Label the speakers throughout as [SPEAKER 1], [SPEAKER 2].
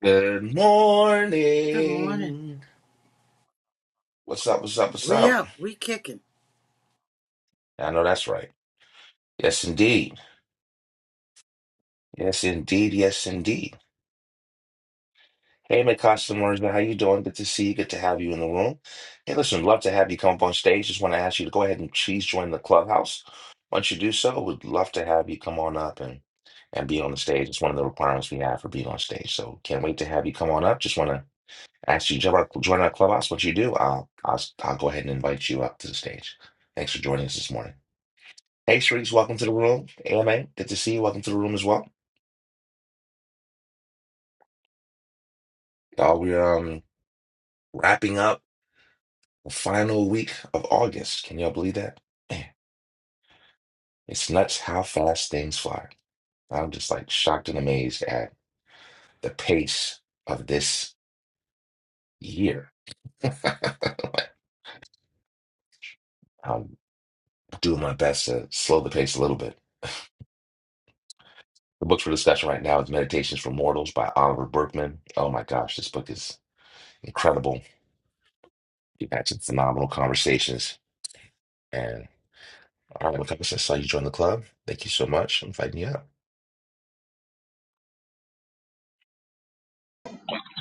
[SPEAKER 1] Good
[SPEAKER 2] Good morning.
[SPEAKER 1] morning. What's up? What's up? What's
[SPEAKER 2] We
[SPEAKER 1] up?
[SPEAKER 2] up, we kicking.
[SPEAKER 1] I know that's right. Yes, indeed. Yes, indeed. Yes, indeed. Hey, my customers, how you doing? Good to see you. Good to have you in the room. Hey, listen, love to have you come up on stage. Just want to ask you to go ahead and please join the clubhouse. Once you do so, we'd love to have you come on up and and be on the stage. It's one of the requirements we have for being on stage. So can't wait to have you come on up. Just want to Actually, join our, join our clubhouse. What you do, I'll, I'll I'll go ahead and invite you up to the stage. Thanks for joining us this morning. Hey, Sharice, welcome to the room. AMA, good to see you. Welcome to the room as well. Y'all, we're um wrapping up the final week of August. Can y'all believe that? Man, it's nuts how fast things fly. I'm just like shocked and amazed at the pace of this year. I'm doing my best to slow the pace a little bit. The book for discussion right now is Meditations for Mortals by Oliver Berkman. Oh my gosh, this book is incredible. You've had some phenomenal conversations. And all right, Lacosta, I saw you join the club. Thank you so much. I'm inviting you up.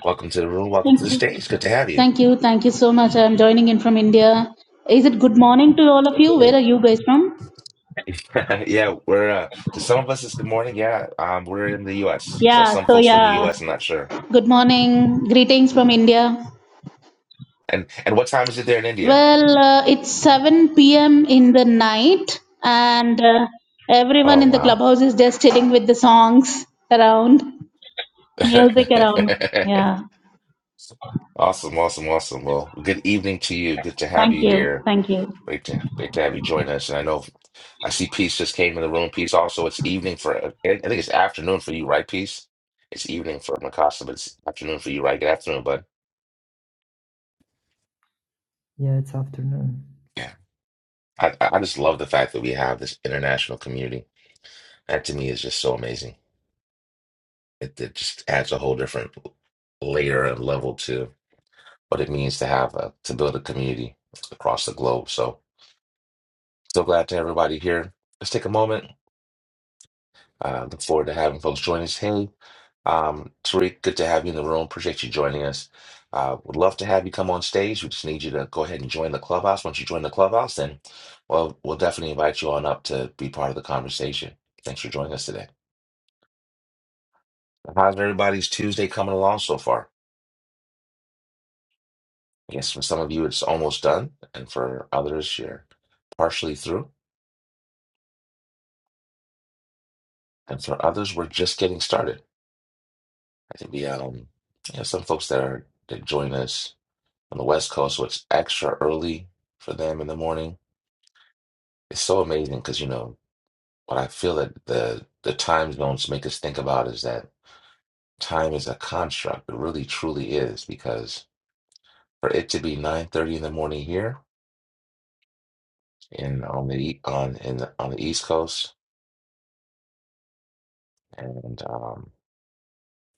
[SPEAKER 1] Welcome to the room. Welcome to
[SPEAKER 3] Thank
[SPEAKER 1] the
[SPEAKER 3] you.
[SPEAKER 1] stage. Good to have you.
[SPEAKER 3] Thank you. Thank you so much. I'm joining in from India. Is it good morning to all of you? Where
[SPEAKER 1] Hey.
[SPEAKER 3] are you guys from?
[SPEAKER 1] yeah, we're uh, to some of us it's good morning. Yeah, um, we're in the U.S. So
[SPEAKER 3] Yeah,
[SPEAKER 1] some
[SPEAKER 3] so
[SPEAKER 1] folks are in the
[SPEAKER 3] yeah.
[SPEAKER 1] U.S. I'm not sure.
[SPEAKER 3] Good morning. Greetings from India.
[SPEAKER 1] And and what time is it there in India?
[SPEAKER 3] Well, uh, it's 7 p.m. in the night, and uh, everyone
[SPEAKER 1] Oh
[SPEAKER 3] in the
[SPEAKER 1] wow.
[SPEAKER 3] clubhouse is just sitting with the songs around, music around. Yeah.
[SPEAKER 1] Awesome, awesome, awesome. Well, good evening to you. Good to have
[SPEAKER 3] Thank
[SPEAKER 1] you
[SPEAKER 3] you.
[SPEAKER 1] here.
[SPEAKER 3] Thank you.
[SPEAKER 1] Great to great to have you join us. And I know I see Peace just came in the room. Peace also, it's evening for I think it's afternoon for you, right, Peace? It's evening for Mikasa, but it's afternoon for you, right? Good afternoon, bud.
[SPEAKER 4] Yeah, it's afternoon.
[SPEAKER 1] Yeah. I, I just love the fact that we have this international community. That to me is just so amazing. It, it just adds a whole different layer and level to what it means to have a, to build a community across the globe. So so glad to have everybody here. Let's take a moment. Uh, look forward to having folks join us. Hey, um, Tariq, good to have you in the room. Appreciate you joining us. Uh, would love to have you come on stage. We just need you to go ahead and join the clubhouse. Once you join the clubhouse, then well, we'll definitely invite you on up to be part of the conversation. Thanks for joining us today. How's everybody's Tuesday coming along so far? I guess for some of you it's almost done, and for others you're partially through, and for others we're just getting started. I think we um, you know, some folks that are that join us. on the West Coast, so it's extra early for them in the morning. It's so amazing because you know what I feel that the the time zones make us think about is that time is a construct. It really truly is because for it to be nine thirty in the morning here in on the e- on in the, on the East Coast, and um,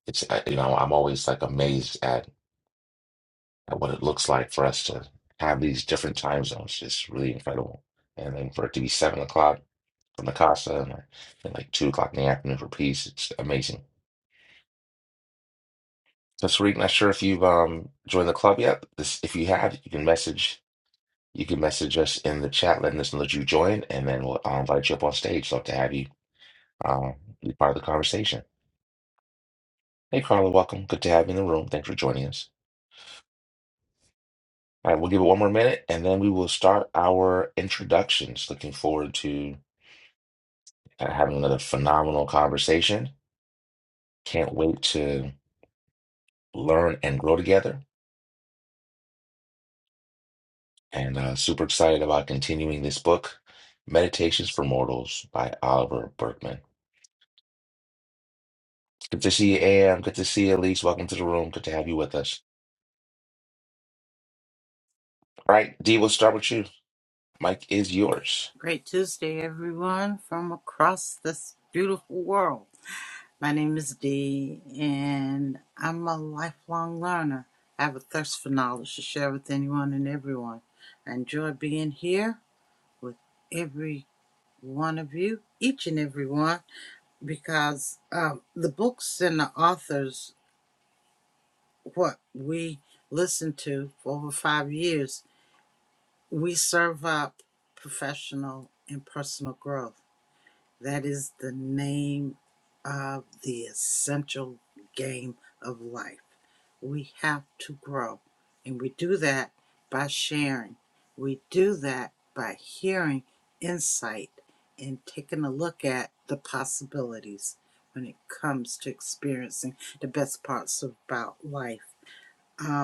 [SPEAKER 1] it's uh, you know I'm always like amazed at at what it looks like for us to have these different time zones. It's really incredible. And then for it to be seven o'clock from the Casa and like, at like two o'clock in the afternoon for peace. It's amazing. So Sariq, not sure if you've um joined the club yet. This, if you have, you can message you can message us in the chat, letting us know that you joined, and then we'll I'll invite you up on stage. Love to have you um be part of the conversation. Hey Carla, welcome. Good to have you in the room. Thanks for joining us. All right, we'll give it one more minute and then we will start our introductions. Looking forward to uh, having another phenomenal conversation. Can't wait to learn and grow together. and uh, super excited about continuing this book, Meditations for Mortals by Oliver Berkman. Good to see you, Am. Good to see you, Elise. Welcome to the room. Good to have you with us. All right, Dee, we'll start with you. Mike is yours.
[SPEAKER 2] Great Tuesday, everyone, from across this beautiful world. My name is Dee, and I'm a lifelong learner. I have a thirst for knowledge to share with anyone and everyone. I enjoy being here with every one of you, each and every one, because um, the books and the authors, what we listened to for over five years, We serve up professional and personal growth. That is the name of the essential game of life. We have to grow, and we do that by sharing. We do that by hearing insight and taking a look at the possibilities when it comes to experiencing the best parts about life. Uh,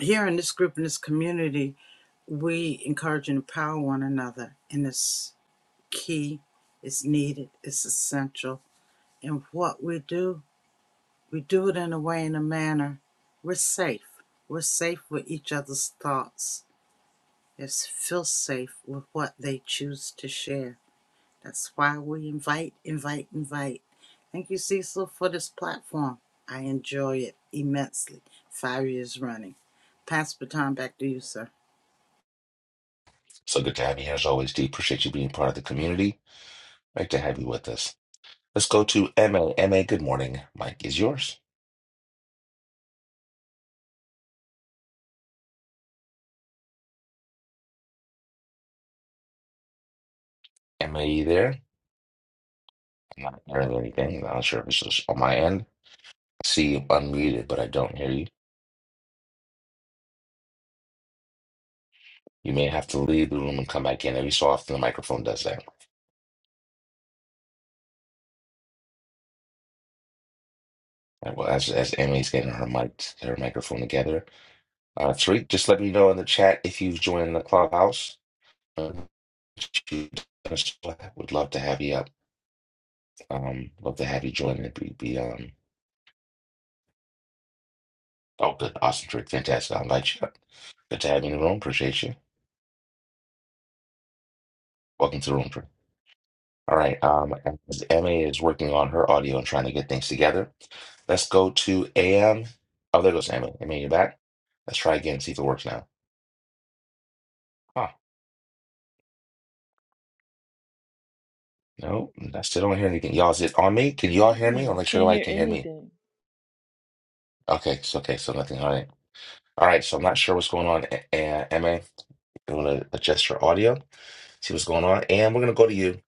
[SPEAKER 2] here in this group in this community we encourage and empower one another and it's key it's needed it's essential and what we do we do it in a way in a manner we're safe we're safe with each other's thoughts it's feel safe with what they choose to share that's why we invite invite invite thank you cecil for this platform i enjoy it immensely five years running pass the baton back to you sir
[SPEAKER 1] So good to have you here as always, Dee. Appreciate you being part of the community. Great to have you with us. Let's go to M A M A. good morning. Mike is yours. MA, you there? I'm not hearing anything. I'm not sure if it's just on my end. I see you unmuted, but I don't hear you. You may have to leave the room and come back in. Every so often, the microphone does that. Uh, Well, as as Emily's getting her mic her microphone together, uh, Tariq, just let me know in the chat if you've joined the clubhouse. Uh, would love to have you up. Um, love to have you join and be, be um. Oh, good, awesome, Tariq, fantastic. I'll invite you up. Good to have you in the room. Appreciate you. Welcome to the room, Tariq. All right. Um, as Emily is working on her audio and trying to get things together, let's go to AM. Oh, there goes Emily. Emily, you're back. Let's try again. See if it works now. Huh. No, I still don't hear anything. Y'all, is it on me? Can y'all hear me? I'll
[SPEAKER 5] Mm-mm,
[SPEAKER 1] make sure
[SPEAKER 5] can't
[SPEAKER 1] everybody
[SPEAKER 5] hear
[SPEAKER 1] can hear me.
[SPEAKER 5] anything.
[SPEAKER 1] Okay, it's okay, so nothing. All right. All right, so I'm not sure what's going on. And MA, I'm gonna adjust her audio, see what's going on. And we're gonna go to you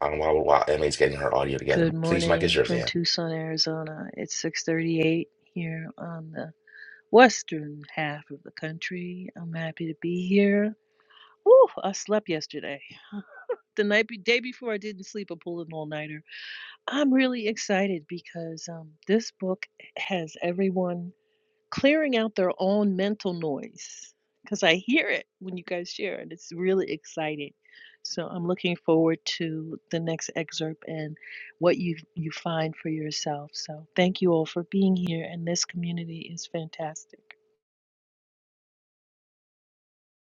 [SPEAKER 1] um, while while MA's getting her audio together.
[SPEAKER 5] Good
[SPEAKER 1] Please, Mike is
[SPEAKER 5] morning
[SPEAKER 1] yours,
[SPEAKER 5] from
[SPEAKER 1] Ann.
[SPEAKER 5] Tucson, Arizona. It's 6:38 here on the western half of the country. I'm happy to be here. Whew, I slept yesterday. The night be- day before I didn't sleep, I pulled an all-nighter. I'm really excited because um, this book has everyone. clearing out their own mental noise because I hear it when you guys share, and it's really exciting. So I'm looking forward to the next excerpt and what you you find for yourself. So thank you all for being here, and this community is fantastic.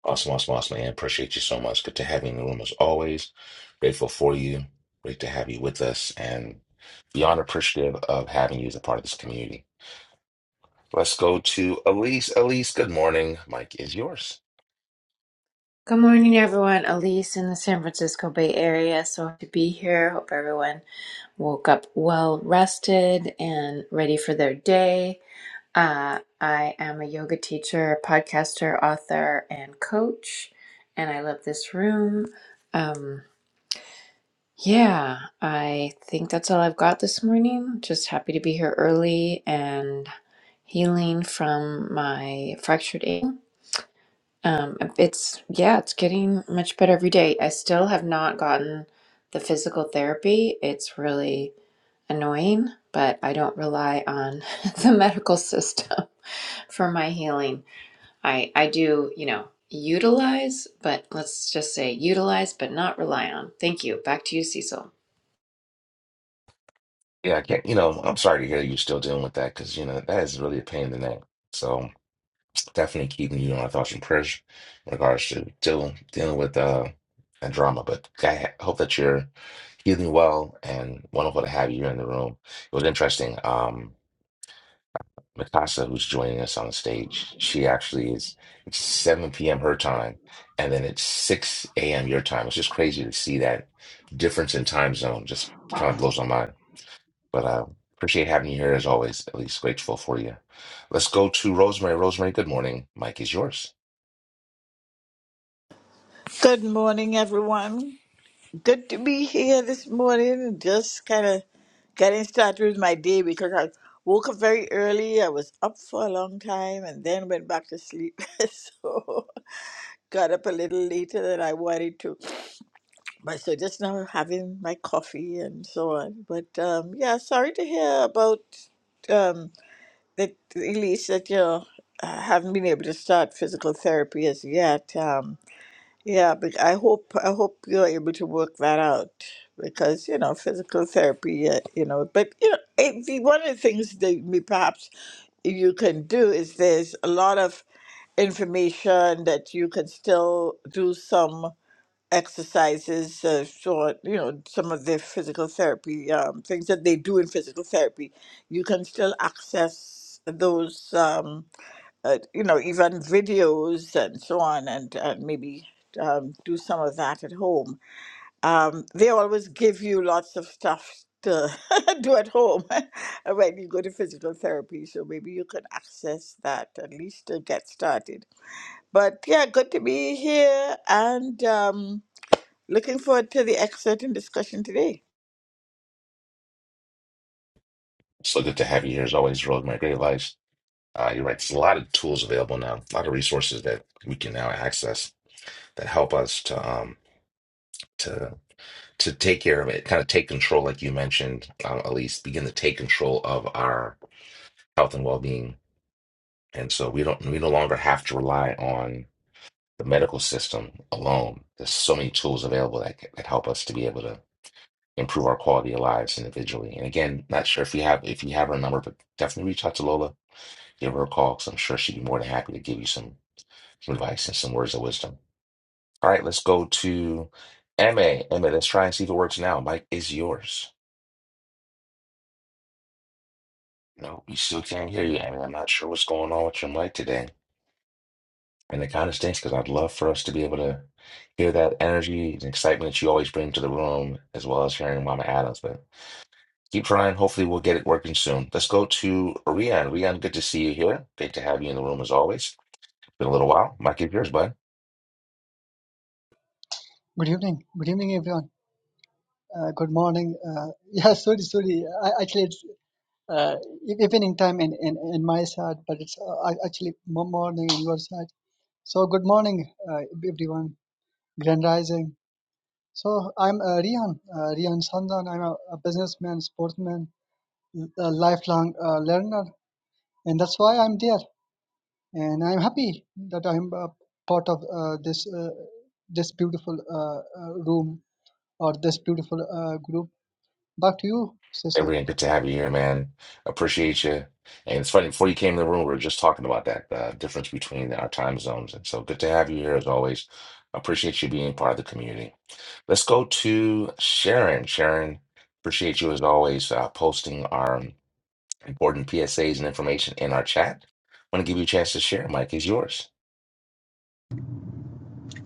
[SPEAKER 1] Awesome, awesome, awesome, Ann. Appreciate you so much. Good to have you in the room as always. Grateful for you. Great to have you with us and beyond appreciative of having you as a part of this community. Let's go to Elise. Elise, good morning. Mike is yours.
[SPEAKER 6] Good morning, everyone. Elise in the San Francisco Bay Area. So happy to be here. Hope everyone woke up well rested and ready for their day. Uh, I am a yoga teacher, podcaster, author, and coach, and I love this room. Um, yeah, I think that's all I've got this morning. Just happy to be here early and healing from my fractured ankle um, it's yeah, it's getting much better every day. I still have not gotten the physical therapy. It's really annoying, but I don't rely on the medical system for my healing. I I do, you know, utilize, but let's just say utilize, but not rely on. Thank you. Back to you, Cecil.
[SPEAKER 1] Yeah, I can't, you know, I'm sorry to hear you're still dealing with that because, you know, that is really a pain in the neck. So definitely keeping you on our thoughts and prayers in regards to dealing dealing with uh that drama. But I hope that you're healing well and wonderful to have you here in the room. It was interesting. Um, Mikasa, who's joining us on stage, she actually is, it's 7 p.m. her time, and then it's 6 a.m. your time. It's just crazy to see that difference in time zone. Just kind of blows my mind. But uh, appreciate having you here as always. At least grateful for you. Let's go to Rosemary. Rosemary, good morning. Mike is yours.
[SPEAKER 7] Good morning, everyone. Good to be here this morning. Just kind of getting started with my day because I woke up very early. I was up for a long time and then went back to sleep. so got up a little later than I wanted to. But so just now having my coffee and so on. But um, yeah, sorry to hear about um, that, Elise, that you uh, haven't been able to start physical therapy as yet. Um, yeah, but I hope I hope you're able to work that out because you know physical therapy, uh, you know. But you know, it, the- one of the things that may- perhaps you can do is there's a lot of information that you can still do some exercises, uh, short, you know, some of the physical therapy um, things that they do in physical therapy. You can still access those. Um, uh, you know, even videos and so on, and, and maybe um, do some of that at home. Um, they always give you lots of stuff to do at home when you go to physical therapy, so maybe you can access that at least to get started. But yeah, good to be here and um, looking forward to the excerpt and discussion today.
[SPEAKER 1] So good to have you here as always, Rosemary. Great advice. Uh, you're right. There's a lot of tools available now. A lot of resources that we can now access that help us to um to to take care of it, kind of take control, like you mentioned, uh, at least begin to take control of our health and well being. And so we don't we no longer have to rely on the medical system alone. There's so many tools available that that help us to be able to improve our quality of lives individually. And again, not sure if you have if you have her number, but definitely reach out to Lola, give her a call, because I'm sure she'd be more than happy to give you some, some advice and some words of wisdom. All right, let's go to Emma. Emma, let's try and see if it works now. Mike is yours. No, we still can't hear you, Emma. I'm not sure what's going on with your mic today. And it kind of stinks because I'd love for us to be able to hear that energy and excitement that you always bring to the room, as well as hearing Mama Adams. But Keep trying. Hopefully, we'll get it working soon. Let's go to Rian. Rian, good to see you here. Great to have you in the room as always. Been a little while. Mike, is yours, bud.
[SPEAKER 8] Good evening. Good evening, everyone. Uh, good morning. Uh, yeah, sorry, sorry. I, actually, it's uh, e- evening time in, in, in my side, but it's uh, ac- actually mo- morning in your side. So, good morning, uh, everyone. Grand Rising. So, I'm uh, Rihan, uh, Rihan Sandan. I'm a, a businessman, sportsman, l- a lifelong uh, learner, and that's why I'm there. And I'm happy that I'm a part of uh, this uh, this beautiful uh, uh, room or this beautiful uh, group Back to you,
[SPEAKER 1] Hey,
[SPEAKER 8] Cecil.
[SPEAKER 1] Rian, good to have you here, man. Appreciate you. And it's funny, before you came in the room, we were just talking about that uh, difference between our time zones. And so good to have you here as always. Appreciate you being part of the community. Let's go to Sharon. Sharon, appreciate you as always uh, posting our important PSAs and information in our chat. Want to give you a chance to share. Mike is yours.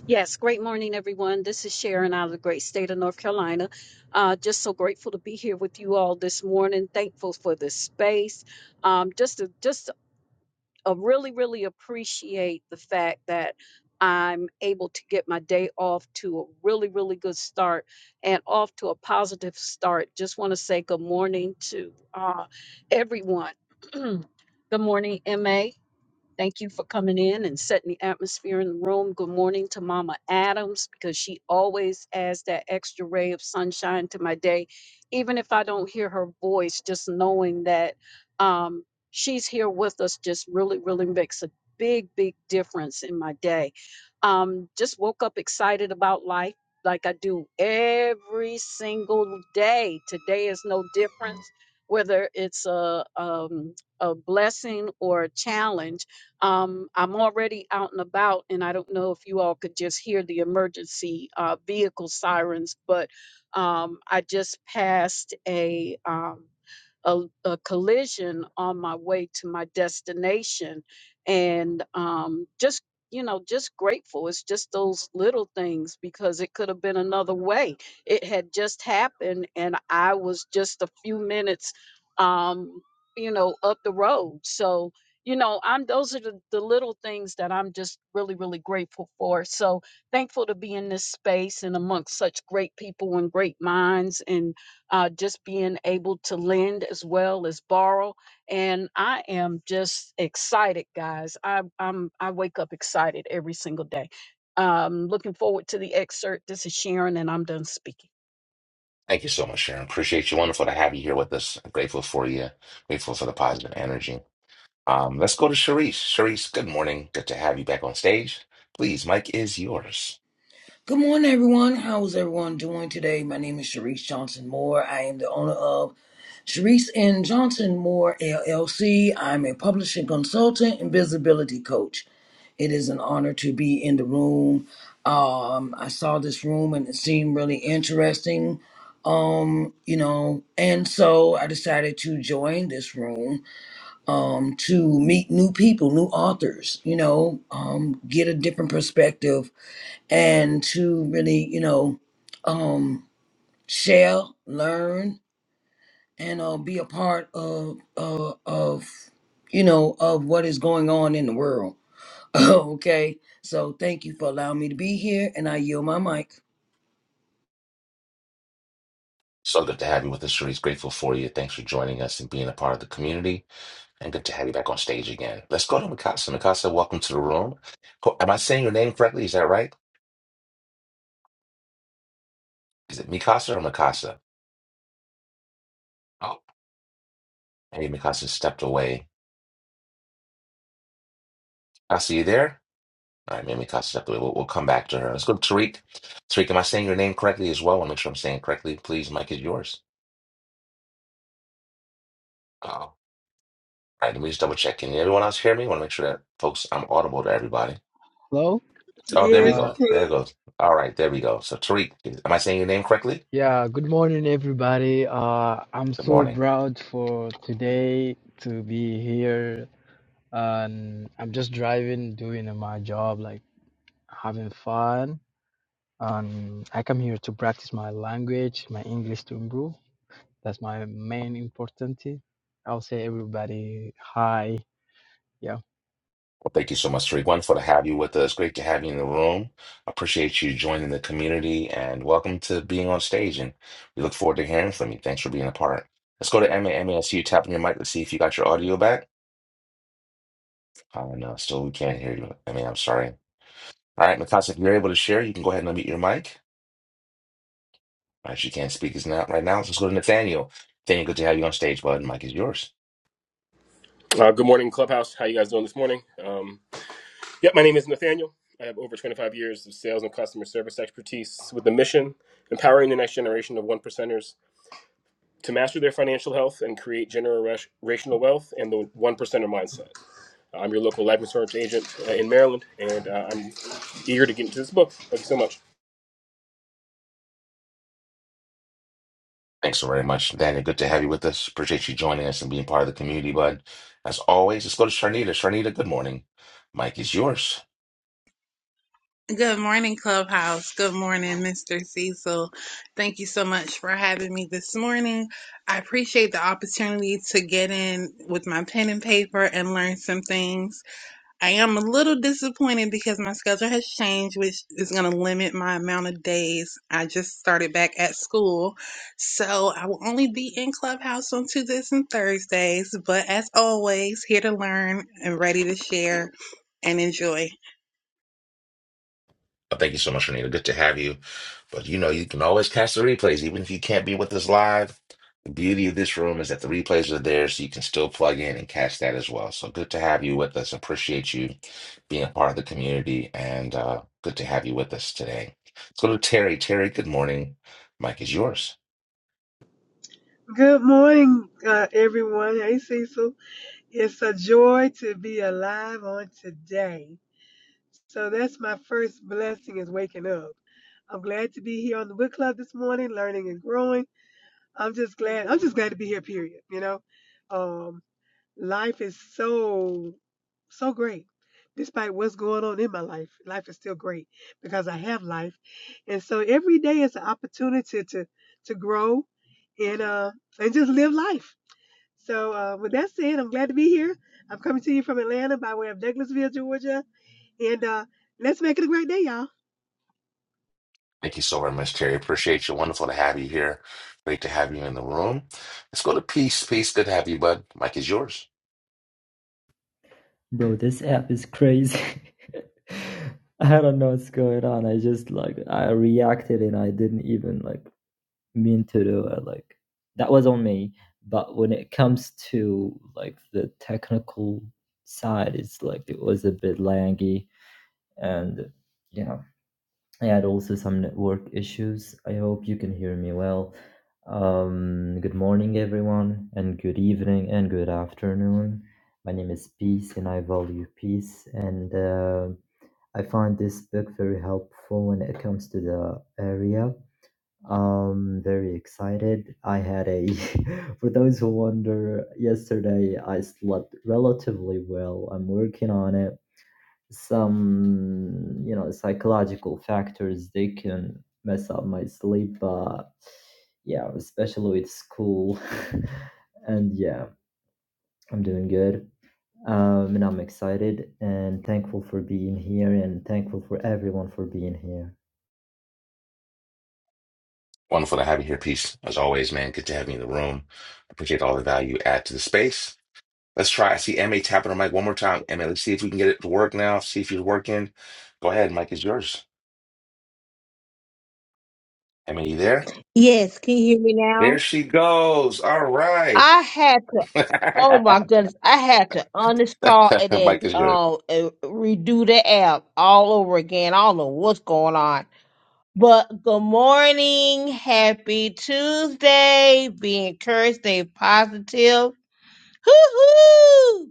[SPEAKER 9] Yes, great morning, everyone. This is Sharon out of the great state of North Carolina. Uh, just so grateful to be here with you all this morning. Thankful for this space. Um, just to, just uh, really, really appreciate the fact that I'm able to get my day off to a really, really good start and off to a positive start. Just want to say good morning to uh, everyone. good morning, MA. Thank you for coming in and setting the atmosphere in the room. Good morning to Mama Adams because she always adds that extra ray of sunshine to my day. Even if I don't hear her voice, just knowing that um, she's here with us just really, really makes a big, big difference in my day. Um, just woke up excited about life like I do every single day. Today is no difference, whether it's a, um, a blessing or a challenge. Um, I'm already out and about, and I don't know if you all could just hear the emergency uh, vehicle sirens, but um, I just passed a, um, a a collision on my way to my destination, and um, just you know, just grateful. It's just those little things because it could have been another way. It had just happened, and I was just a few minutes, um, you know, up the road. So you know i'm those are the, the little things that i'm just really really grateful for so thankful to be in this space and amongst such great people and great minds and uh, just being able to lend as well as borrow and i am just excited guys i i'm i wake up excited every single day um looking forward to the excerpt this is sharon and i'm done speaking
[SPEAKER 1] Thank you so much, Sharon. Appreciate you. Wonderful to have you here with us. grateful for you. Grateful for the positive energy. Um, let's go to Sharice. Sharice, good morning. Good to have you back on stage. Please, mic is yours.
[SPEAKER 10] Good morning, everyone. How is everyone doing today? My name is Sharice Johnson Moore. I am the owner of Sharice and Johnson Moore LLC. I'm a publishing consultant and visibility coach. It is an honor to be in the room. Um, I saw this room and it seemed really interesting. Um, you know, and so I decided to join this room um to meet new people, new authors, you know, um, get a different perspective and to really, you know, um, share, learn, and uh, be a part of uh, of you know of what is going on in the world. okay, so thank you for allowing me to be here, and I yield my mic.
[SPEAKER 1] So good to have you with us, Sharice. Grateful for you. Thanks for joining us and being a part of the community. And good to have you back on stage again. Let's go to Mikasa. Mikasa, welcome to the room. Ho- Am I saying your name correctly? Is that right? Is it Mikasa or Mikasa? Oh, maybe Mikasa stepped away. Mikasa, you there? All right, Mimi Costa stepped away. We'll, we'll come back to her. Let's go to Tariq. Tariq, am I saying your name correctly as well? I want to make sure I'm saying it correctly. Please, mic is yours. Oh, all right, let me just double check. Can everyone else hear me? I want to make sure that folks, I'm audible to everybody.
[SPEAKER 11] Hello.
[SPEAKER 1] Oh, there we
[SPEAKER 12] Yes,
[SPEAKER 11] Uh,
[SPEAKER 1] go.
[SPEAKER 12] I
[SPEAKER 1] There it
[SPEAKER 12] can.
[SPEAKER 1] goes. All right, there we go. So, Tariq, am I saying your name correctly?
[SPEAKER 11] yeah. Good morning, everybody. Uh, I'm
[SPEAKER 1] Good
[SPEAKER 11] so
[SPEAKER 1] morning.
[SPEAKER 11] proud for today to be here, and I'm just driving, doing my job, like having fun. And I come here to practice my language, my English to improve. That's my main important. I'll say everybody hi. Yeah.
[SPEAKER 1] Well, thank you so much, Tariq. Wonderful to have you with us. Great to have you in the room. Appreciate you joining the community and welcome to being on stage. And we look forward to hearing from you. Thanks for being a part. Let's go to MA. MA, I see you tapping your mic. Let's see if you got your audio back. I don't know. Still, we can't hear you. I mean, I'm sorry. All right, Natasha, if you're able to share, you can go ahead and unmute your mic. All right, she can't speak is not right now. so Let's go to Nathaniel. Nathaniel, good to have you on stage, bud. Mic is yours.
[SPEAKER 13] Uh, good morning, Clubhouse. How you guys doing this morning? Um, yep, my name is Nathaniel. I have over 25 years of sales and customer service expertise with the mission empowering the next generation of one percenters to master their financial health and create generational wealth and the one percenter mindset. I'm your local life insurance agent uh, in Maryland, and uh, I'm eager to get into this book. Thank you so much.
[SPEAKER 1] Thanks so very much, Nathaniel. Good to have you with us. Appreciate you joining us and being part of the community, bud. As always, let's go to Sharnita. Sharnita, good morning. Mic is yours.
[SPEAKER 14] Good morning, Clubhouse. Good morning, Mr. Cecil. Thank you so much for having me this morning. I appreciate the opportunity to get in with my pen and paper and learn some things. I am a little disappointed because my schedule has changed, which is going to limit my amount of days. I just started back at school, so I will only be in Clubhouse on Tuesdays and Thursdays. But as always, here to learn and ready to share and enjoy.
[SPEAKER 1] Uh, Thank you so much, Renita. Good to have you. But you know, you can always catch the replays, even if you can't be with us live. The beauty of this room is that the replays are there, so you can still plug in and catch that as well. So good to have you with us. Appreciate you being a part of the community, and uh, good to have you with us today. Let's go to Terry. Terry, good morning. Mike is yours.
[SPEAKER 12] Good morning, uh, everyone. Hey, Cecil. It's a joy to be alive on today. So that's my first blessing is waking up. I'm glad to be here on the book club this morning, learning and growing. I'm just glad. I'm just glad to be here. Period. You know, Um, Life is so, so great. Despite what's going on in my life, life is still great because I have life. And so every day is an opportunity to, to grow and, uh, and just live life. So, uh, with that said, I'm glad to be here. I'm coming to you from Atlanta by way of Douglasville, Georgia. And uh, let's make it a great day, y'all.
[SPEAKER 1] Thank you so very much, Terry. Appreciate you. Wonderful to have you here. Great to have you in the room. Let's go to Peace. Peace, good to have you, bud. Mike is yours.
[SPEAKER 4] Bro, this app is crazy. I don't know what's going on. I just like I reacted and I didn't even like mean to do it. Like that was on me. But when it comes to like the technical side, it's like it was a bit laggy and you know I had also some network issues. I hope you can hear me well. Um, good morning, everyone, and good evening and good afternoon. My name is Peace, and I value peace. And uh, I find this book very helpful when it comes to the area. Um, very excited. I had a, for those who wonder, yesterday I slept relatively well. I'm working on it some you know psychological factors they can mess up my sleep but yeah especially with school and yeah i'm doing good um and i'm excited and thankful for being here and thankful for everyone for being here
[SPEAKER 1] Wonderful to have you here. Peace. As always, man, good to have you in the room. Appreciate all the value you add to the space. Let's try. I see MA tapping her mic one more time. MA, let's see if we can get it to work now. See if it's working. Go ahead. Mic is yours. MA, you there?
[SPEAKER 15] Yes, can you hear me
[SPEAKER 1] There
[SPEAKER 15] now?
[SPEAKER 1] she goes. All right.
[SPEAKER 15] I had to,
[SPEAKER 1] Mic
[SPEAKER 15] oh my goodness, I had to uninstall and then
[SPEAKER 1] is yours.
[SPEAKER 15] uh, uh, redo the app all over again. I don't know what's going on. But good morning, happy Tuesday, be encouraged, stay positive. Hoo hoo!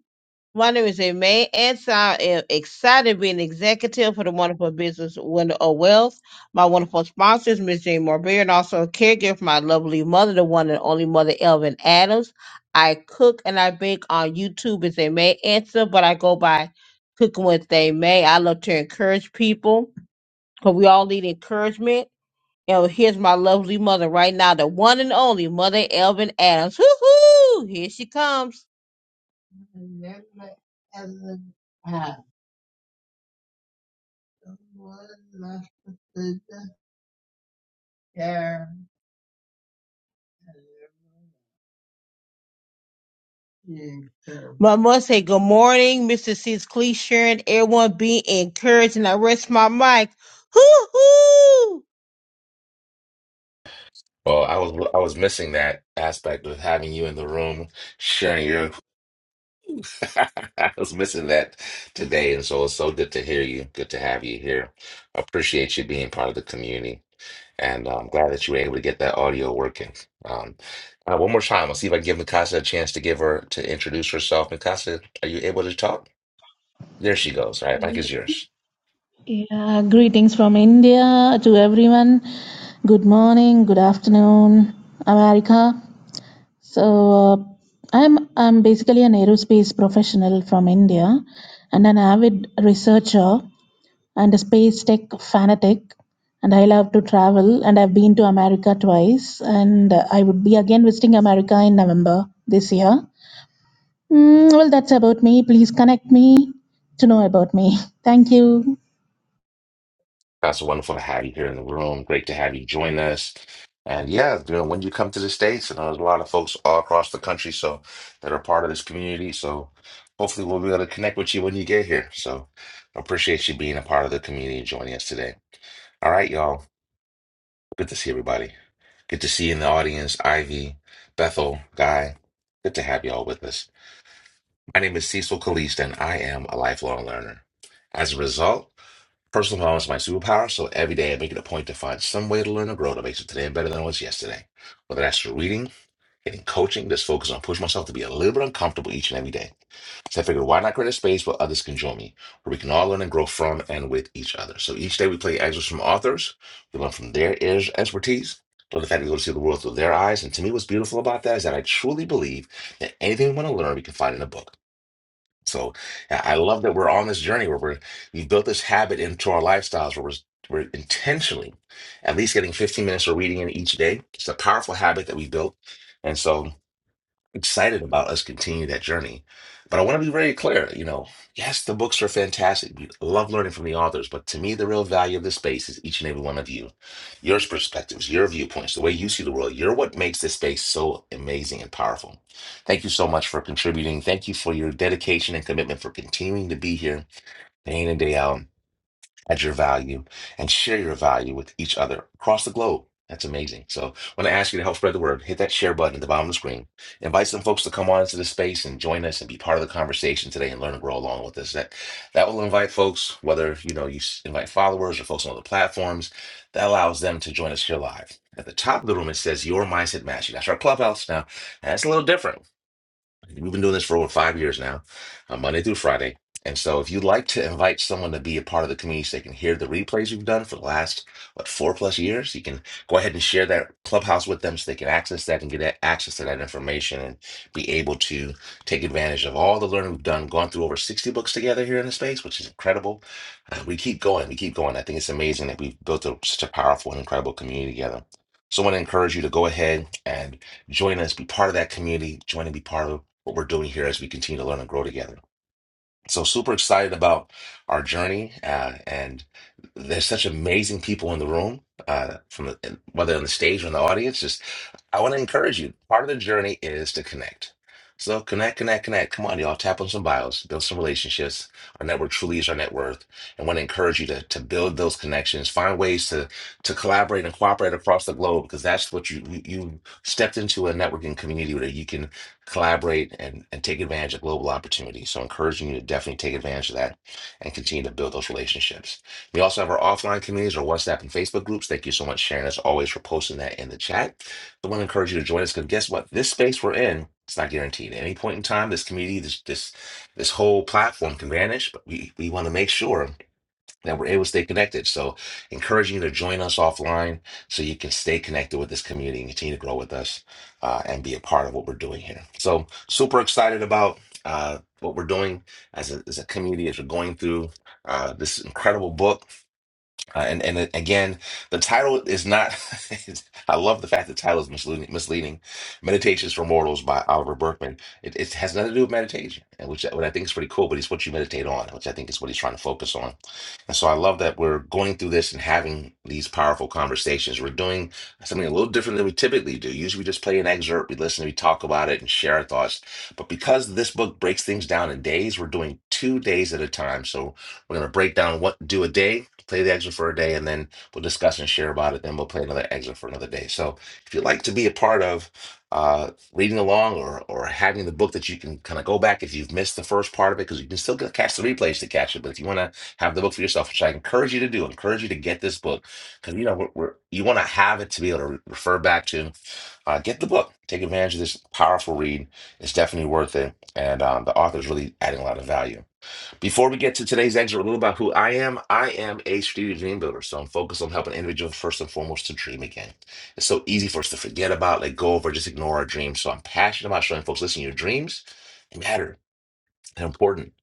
[SPEAKER 15] My name is May and I am excited to be an executive for the wonderful business Window of Wealth. My wonderful sponsor is Miss Jane Morbeer, and also a caregiver for my lovely mother, the one and only mother, Elvin Adams. I cook and I bake on YouTube as a May answer, but I go by cooking with they May. I love to encourage people because we all need encouragement. And here's my lovely mother right now, the one and only mother, Elvin Adams. Hoo hoo! Here she comes. My I must say good morning, Mr. Sis Cleature, and everyone be encouraged. And I rest my mic. Hoo hoo!
[SPEAKER 1] Well, I was I was missing that aspect of having you in the room, sharing your. I was missing that today, and so it's so good to hear you. Good to have you here. Appreciate you being part of the community. And I'm glad that you were able to get that audio working. Um, uh, one more time, I'll see if I can give Mikasa a chance to give her to introduce herself. Mikasa, are you able to talk? There she goes. All right, mic is yours.
[SPEAKER 3] Yeah, greetings from India to everyone. Good morning, good afternoon, America. So uh, I'm I'm basically an aerospace professional from India and an avid researcher and a space tech fanatic and I love to travel and I've been to America twice and uh, I would be again visiting America in November this year. Mm, well that's about me. Please connect me to know about me. Thank you.
[SPEAKER 1] Mikasa, wonderful to have you here in the room. Great to have you join us. And yeah, you know, when you come to the States, and there's a lot of folks all across the country so that are part of this community. So hopefully we'll be able to connect with you when you get here. So I appreciate you being a part of the community and joining us today. All right, y'all. Good to see everybody. Good to see you in the audience, Ivy, Bethel, Guy. Good to have you all with us. My name is Cecil Caliste, and I am a lifelong learner. As a result, personal development is my superpower, so every day I make it a point to find some way to learn and grow to make today better than it was yesterday. Whether that's through reading, getting coaching, just focus on pushing myself to be a little bit uncomfortable each and every day. So I figured, why not create a space where others can join me, where we can all learn and grow from and with each other. So each day we play excerpts from authors. We learn from their ex- expertise, learn the fact that we go to see the world through their eyes. And to me, what's beautiful about that is that I truly believe that anything we want to learn, we can find in a book. So I I love that we're on this journey where we're we built this habit into our lifestyles where we're we're intentionally at least getting 15 minutes of reading in each day. It's a powerful habit that we built. And so excited about us continuing that journey. But I want to be very clear, you know, yes, the books are fantastic. We love learning from the authors, but to me, the real value of this space is each and every one of you, your perspectives, your viewpoints, the way you see the world. You're what makes this space so amazing and powerful. Thank you so much for contributing. Thank you for your dedication and commitment for continuing to be here day in and day out at your value and share your value with each other across the globe. That's amazing. So when I ask you to help spread the word, hit that share button at the bottom of the screen. Invite some folks to come on into the space and join us and be part of the conversation today and learn and grow along with us. That that will invite folks, whether you know you s- invite followers or folks on other platforms, that allows them to join us here live. At the top of the room, it says your mindset mastery. That's our clubhouse now. That's a little different. We've been doing this for over five years now, uh, Monday through Friday. And so, if you'd like to invite someone to be a part of the community so they can hear the replays we've done for the last, what, four plus years, you can go ahead and share that clubhouse with them so they can access that and get a- access to that information and be able to take advantage of all the learning we've done, gone through over 60 books together here in the space, which is incredible. Uh, we keep going, we keep going. I think it's amazing that we've built a, such a powerful and incredible community together. So, I want to encourage you to go ahead and join us, be part of that community, join and be part of what we're doing here as we continue to learn and grow together. So super excited about our journey, uh, and there's such amazing people in the room, uh, from the, whether on the stage or in the audience. Just I want to encourage you. Part of the journey is to connect. So connect, connect, connect. Come on, y'all. Tap on some bios, build some relationships. Our network truly is our net worth, and want to encourage you to to build those connections. Find ways to to collaborate and cooperate across the globe because that's what you you you stepped into a networking community where you can collaborate and, and take advantage of global opportunities. So, encouraging you to definitely take advantage of that and continue to build those relationships. We also have our offline communities, our WhatsApp and Facebook groups. Thank you so much, Sharon, as always, for posting that in the chat. I want to encourage you to join us because guess what? This space we're in, it's not guaranteed. At any point in time, this community, this this this whole platform can vanish. But we we want to make sure that we're able to stay connected. So, encouraging you to join us offline so you can stay connected with this community and continue to grow with us uh, and be a part of what we're doing here. So, super excited about uh, what we're doing as a, as a community as we're going through uh, this incredible book. Uh, and and it- again, the title is not. it's- I love the fact the title is misleading. misleading. Meditations for Mortals by Oliver Berkman. It, it has nothing to do with meditation, and which, what I think is pretty cool. But it's what you meditate on, which I think is what he's trying to focus on and so I love that we're going through this and having these powerful conversations. We're doing something a little different than we typically do. Usually we just play an excerpt, we listen, we talk about it and share our thoughts. But because this book breaks things down in days, we're doing two days at a time. So we're going to break down what do a day, play the excerpt for a day, and then we'll discuss and share about it. Then we'll play another excerpt for another day. So if you'd like to be a part of uh, reading along or or having the book that you can kind of go back if you've missed the first part of it because you can still get- catch the replays to catch it. But if you want to have the book for yourself, which I encourage you to do. I encourage you to get this book because you know we're, we're, you want to have it to be able to re- refer back to. Uh, get the book. Take advantage of this powerful read. It's definitely worth it, and um, the author is really adding a lot of value. Before we get to today's exit, a little about who I am. I am a strategic dream builder, so I'm focused on helping individuals first and foremost to dream again. It's so easy for us to forget about, let go of, or just ignore our dreams. So I'm passionate about showing folks, listen, your dreams. matter. They're important.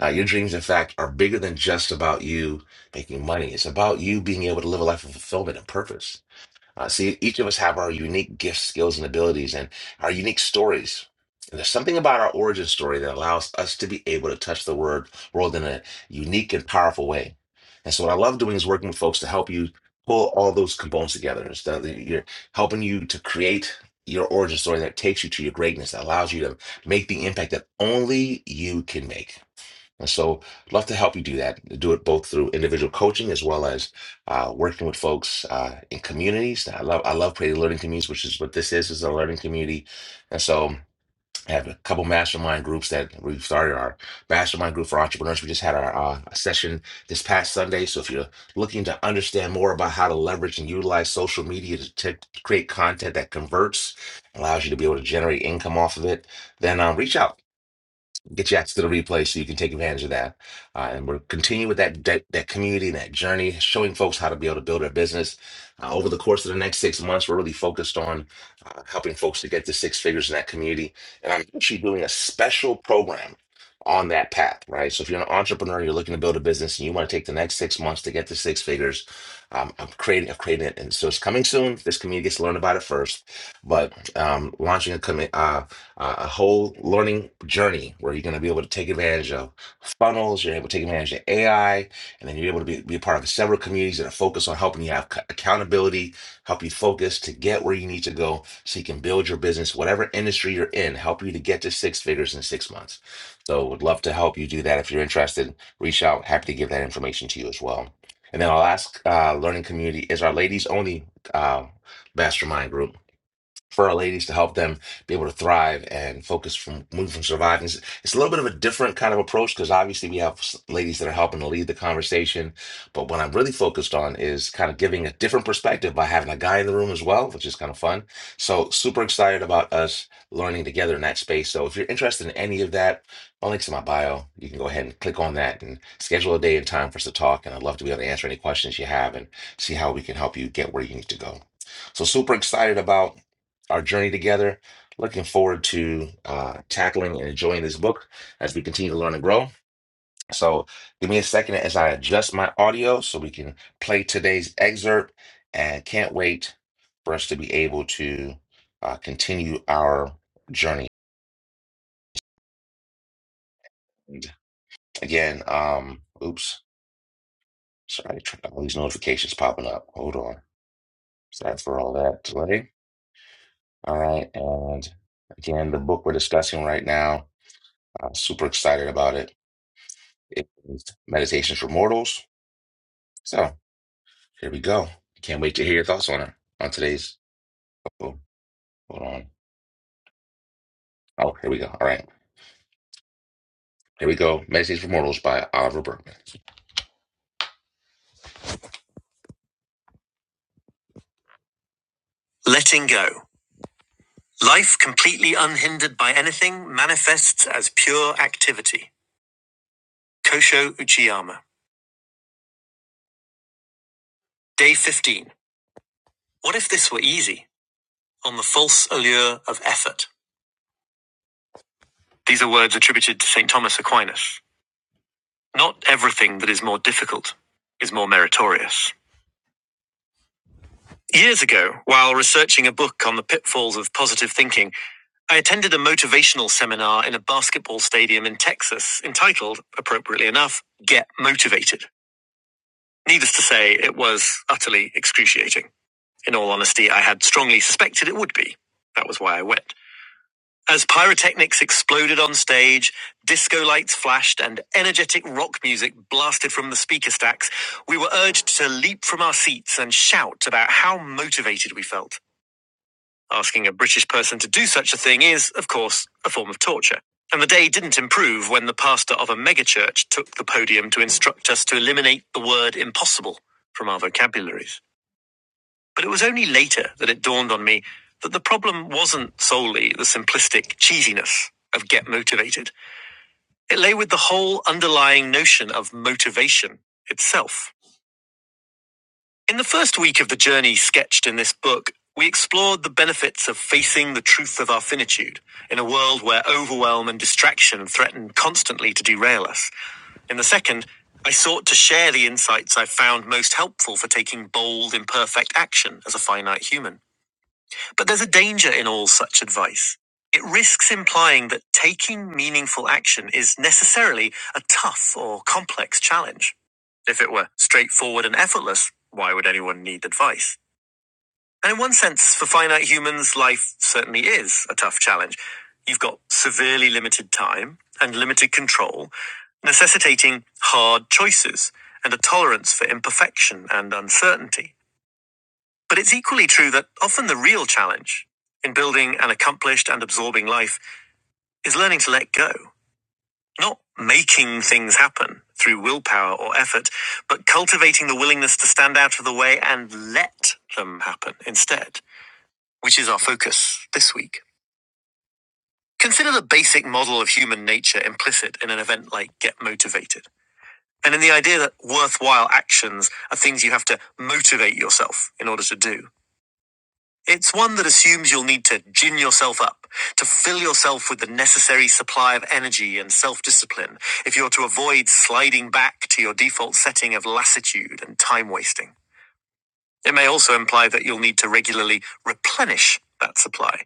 [SPEAKER 1] Uh, your dreams, in fact, are bigger than just about you making money. It's about you being able to live a life of fulfillment and purpose. Uh, see, each of us have our unique gifts, skills, and abilities, and our unique stories. And there's something about our origin story that allows us to be able to touch the word world in a unique and powerful way. And so, what I love doing is working with folks to help you pull all those components together. It's that You're helping you to create your origin story that takes you to your greatness, that allows you to make the impact that only you can make. And so, I'd love to help you do that. Do it both through individual coaching as well as uh, working with folks uh, in communities. I love I love creating learning communities, which is what this is is a learning community. And so, I have a couple mastermind groups that we've started our mastermind group for entrepreneurs. We just had our uh, session this past Sunday. So, if you're looking to understand more about how to leverage and utilize social media to t- create content that converts, allows you to be able to generate income off of it, then um, reach out get you access to the replay so you can take advantage of that. Uh, and we're continuing with that, that that community and that journey, showing folks how to be able to build their business. Uh, over the course of the next six months, we're really focused on uh, helping folks to get to six figures in that community. And I'm actually doing a special program on that path, right? So if you're an entrepreneur, you're looking to build a business and you want to take the next six months to get to six figures, um, I'm creating, I've created it. And so it's coming soon. This community gets to learn about it first, but um, launching a committee uh, a whole learning journey where you're going to be able to take advantage of funnels, you're able to take advantage of AI, and then you're able to be, be a part of several communities that are focused on helping you have c- accountability, help you focus to get where you need to go so you can build your business, whatever industry you're in, help you to get to six figures in six months. So would love to help you do that. If you're interested, reach out. Happy to give that information to you as well. And then our last uh, learning community is our ladies only uh, mastermind group for our ladies to help them be able to thrive and focus from move from surviving. It's, it's a little bit of a different kind of approach because obviously we have s- ladies that are helping to lead the conversation. But what I'm really focused on is kind of giving a different perspective by having a guy in the room as well, which is kind of fun. So super excited about us learning together in that space. So if you're interested in any of that, my link's in my bio. You can go ahead and click on that and schedule a day and time for us to talk. And I'd love to be able to answer any questions you have and see how we can help you get where you need to go. So super excited about our journey together. Looking forward to uh, tackling and enjoying this book as we continue to learn and grow. So, give me a second as I adjust my audio so we can play today's excerpt. And can't wait for us to be able to uh, continue our journey. And again, um, oops, sorry, tr- all these notifications popping up. Hold on. Sorry for all that delay. All right, and again, the book we're discussing right now. I'm super excited about it It is Meditations for Mortals. So here we go. Can't wait to hear your thoughts on it on today's. Oh, hold on. Oh, here we go. All right. Here we go. Meditations for Mortals by Oliver Berkman. Letting go. Life completely unhindered by anything manifests as pure activity. Kosho Uchiyama. Day 15. What if this were easy? On the false allure of effort. These are words attributed to St. Thomas Aquinas. Not everything that is more difficult is more meritorious. Years ago, while researching a book on the pitfalls of positive thinking, I attended a motivational seminar in a basketball stadium in Texas entitled, appropriately enough, Get Motivated. Needless to say, it was utterly excruciating. In all honesty, I had strongly suspected it would be. That was why I went. As pyrotechnics exploded on stage, disco lights flashed, and energetic rock music blasted from the speaker stacks, we were urged to leap from our seats and shout about how motivated we felt. Asking a British person to do such a thing is, of course, a form of torture. And the day didn't improve when the pastor of a megachurch took the podium to instruct us to eliminate the word impossible from our vocabularies. But it was only later that it dawned on me that the problem wasn't solely the simplistic cheesiness of get motivated. It lay with the whole underlying notion of motivation itself. In the first week of the journey sketched in this book, we explored the benefits of facing the truth of our finitude in a world where overwhelm and distraction threaten constantly to derail us. In the second, I sought to share the insights I found most helpful for taking bold, imperfect action as a finite human. But there's a danger in all such advice. It risks implying that taking meaningful action is necessarily a tough or complex challenge. If it were straightforward and effortless, why would anyone need advice? And in one sense, for finite humans, life certainly is a tough challenge. You've got severely limited time and limited control, necessitating hard choices and a tolerance for imperfection and uncertainty. But it's equally true that often the real challenge in building an accomplished and absorbing life is learning to let go, not making things happen through willpower or effort, but cultivating the willingness to stand out of the way and let them happen instead, which is our focus this week. Consider the basic model of human nature implicit in an event like Get Motivated, and in the idea that worthwhile actions are things you have to motivate yourself in order to do. It's one that assumes you'll need to gin yourself up, to fill yourself with the necessary supply of energy and self discipline if you're to avoid sliding back to your default setting of lassitude and time wasting. It may also imply that you'll need to regularly replenish that supply,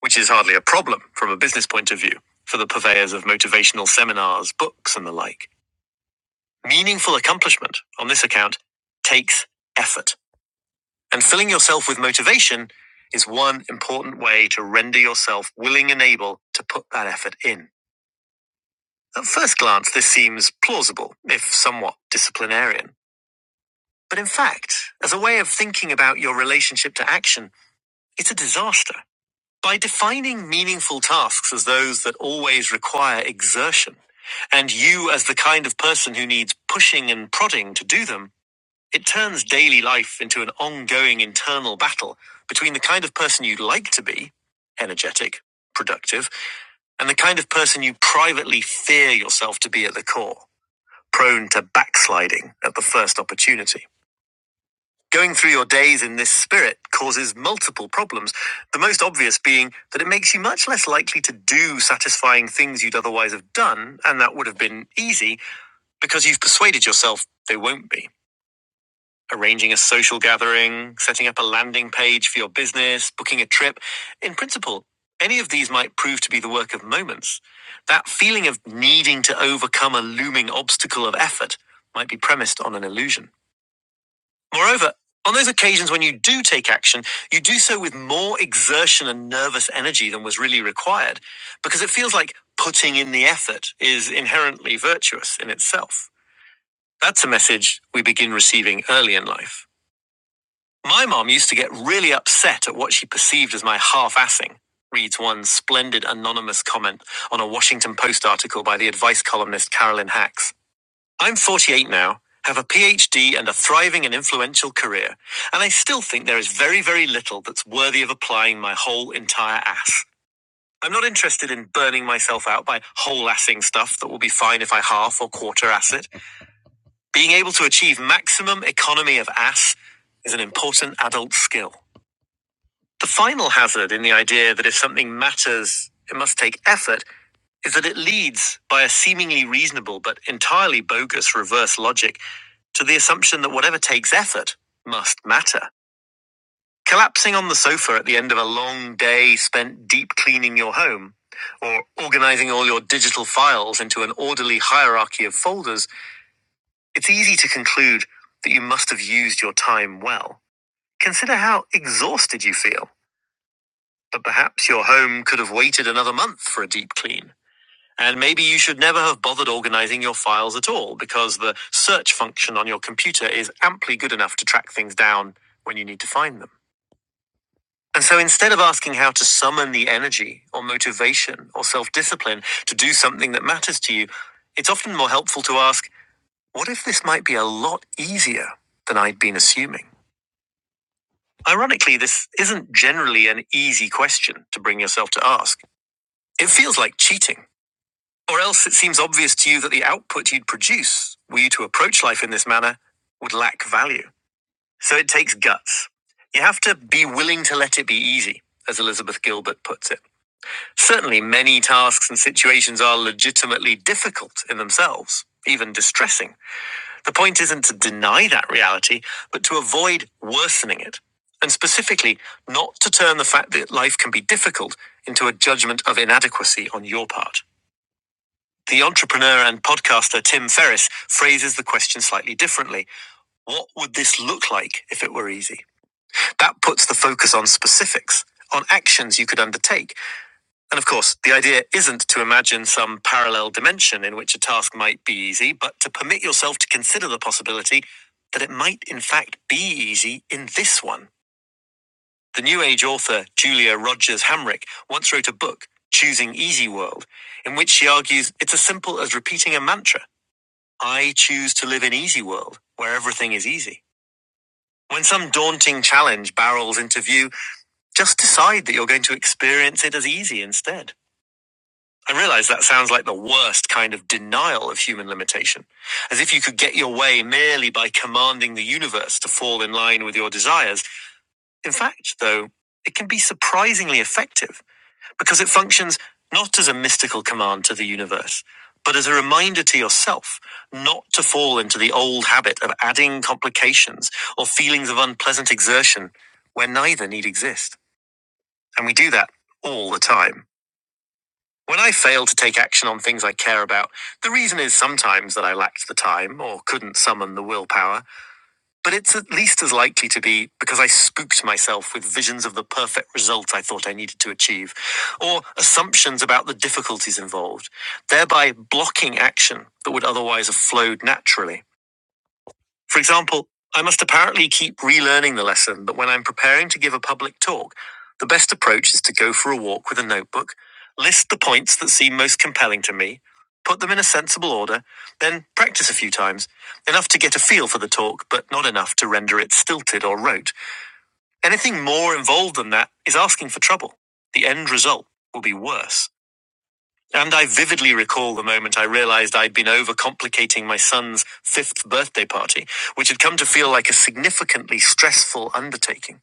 [SPEAKER 1] which is hardly a problem from a business point of view for the purveyors of motivational seminars, books, and the like. Meaningful accomplishment on this account takes effort. And filling yourself with motivation is one important way to render yourself willing and able to put that effort in. At first glance, this seems plausible, if somewhat disciplinarian. But in fact, as a way of thinking about your relationship to action, it's a disaster. By defining meaningful tasks as those that always require exertion, and you as the kind of person who needs pushing and prodding to do them, It turns daily life into an ongoing internal battle between the kind of person you'd like to be, energetic, productive, and the kind of person you privately fear yourself to be at the core, prone to backsliding at the first opportunity. Going through your days in this spirit causes multiple problems, the most obvious being that it makes you much less likely to do satisfying things you'd otherwise have done, and that would have been easy because you've persuaded yourself they won't be. Arranging a social gathering, setting up a landing page for your business, booking a trip. In principle, any of these might prove to be the work of moments. That feeling of needing to overcome a looming obstacle of effort might be premised on an illusion. Moreover, on those occasions when you do take action, you do so with more exertion and nervous energy than was really required, because it feels like putting in the effort is inherently virtuous in itself. That's a message we begin receiving early in life. My mom used to get really upset at what she perceived as my half assing, reads one splendid anonymous comment on a Washington Post article by the advice columnist Carolyn Hacks. I'm 48 now, have a PhD and a thriving and influential career, and I still think there is very, very little that's worthy of applying my whole entire ass. I'm not interested in burning myself out by whole assing stuff that will be fine if I half or quarter ass it. Being able to achieve maximum economy of ass is an important adult skill. The final hazard in the idea that if something matters, it must take effort is that it leads by a seemingly reasonable but entirely bogus reverse logic to the assumption that whatever takes effort must matter. Collapsing on the sofa at the end of a long day spent deep cleaning your home, or organizing all your digital files into an orderly hierarchy of folders, it's easy to conclude that you must have used your time well. Consider how exhausted you feel. But perhaps your home could have waited another month for a deep clean. And maybe you should never have bothered organizing your files at all because the search function on your computer is amply good enough to track things down when you need to find them. And so instead of asking how to summon the energy or motivation or self discipline to do something that matters to you, it's often more helpful to ask, what if this might be a lot easier than I'd been assuming? Ironically, this isn't generally an easy question to bring yourself to ask. It feels like cheating Or else it seems obvious to you that the output you'd produce, were you to approach life in this manner, would lack value. So it takes guts. You have to be willing to let it be easy, as Elizabeth Gilbert puts it. Certainly, many tasks and situations are legitimately difficult in themselves, even distressing. The point isn't to deny that reality, but to avoid worsening it. And specifically, not to turn the fact that life can be difficult into a judgment of inadequacy on your part. The entrepreneur and podcaster Tim Ferriss phrases the question slightly differently. What would this look like if it were easy? That puts the focus on specifics, on actions you could undertake. And of course, the idea isn't to imagine some parallel dimension in which a task might be easy, but to permit yourself to consider the possibility that it might in fact be easy in this one. The New Age author Julia Rogers Hamrick once wrote a book, Choosing Easy World, in which she argues it's as simple as repeating a mantra. I choose to live in easy world where everything is easy. When some daunting challenge barrels into view, just decide that you're going to experience it as easy instead. I realize that sounds like the worst kind of denial of human limitation, as if you could get your way merely by commanding the universe to fall in line with your desires. In fact, though, it can be surprisingly effective because it functions not as a mystical command to the universe, but as a reminder to yourself not to fall into the old habit of adding complications or feelings of unpleasant exertion where neither need exist. And we do that all the time. When I fail to take action on things I care about, the reason is sometimes that I lacked the time or couldn't summon the willpower. But it's at least as likely to be because I spooked myself with visions of the perfect result I thought I needed to achieve, or assumptions about the difficulties involved, thereby blocking action that would otherwise have flowed naturally. For example, I must apparently keep relearning the lesson that when I'm preparing to give a public talk, the best approach is to go for a walk with a notebook, list the points that seem most compelling to me, put them in a sensible order, then practice a few times, enough to get a feel for the talk, but not enough to render it stilted or rote. Anything more involved than that is asking for trouble. The end result will be worse. And I vividly recall the moment I realized I'd been overcomplicating my son's fifth birthday party, which had come to feel like a significantly stressful undertaking.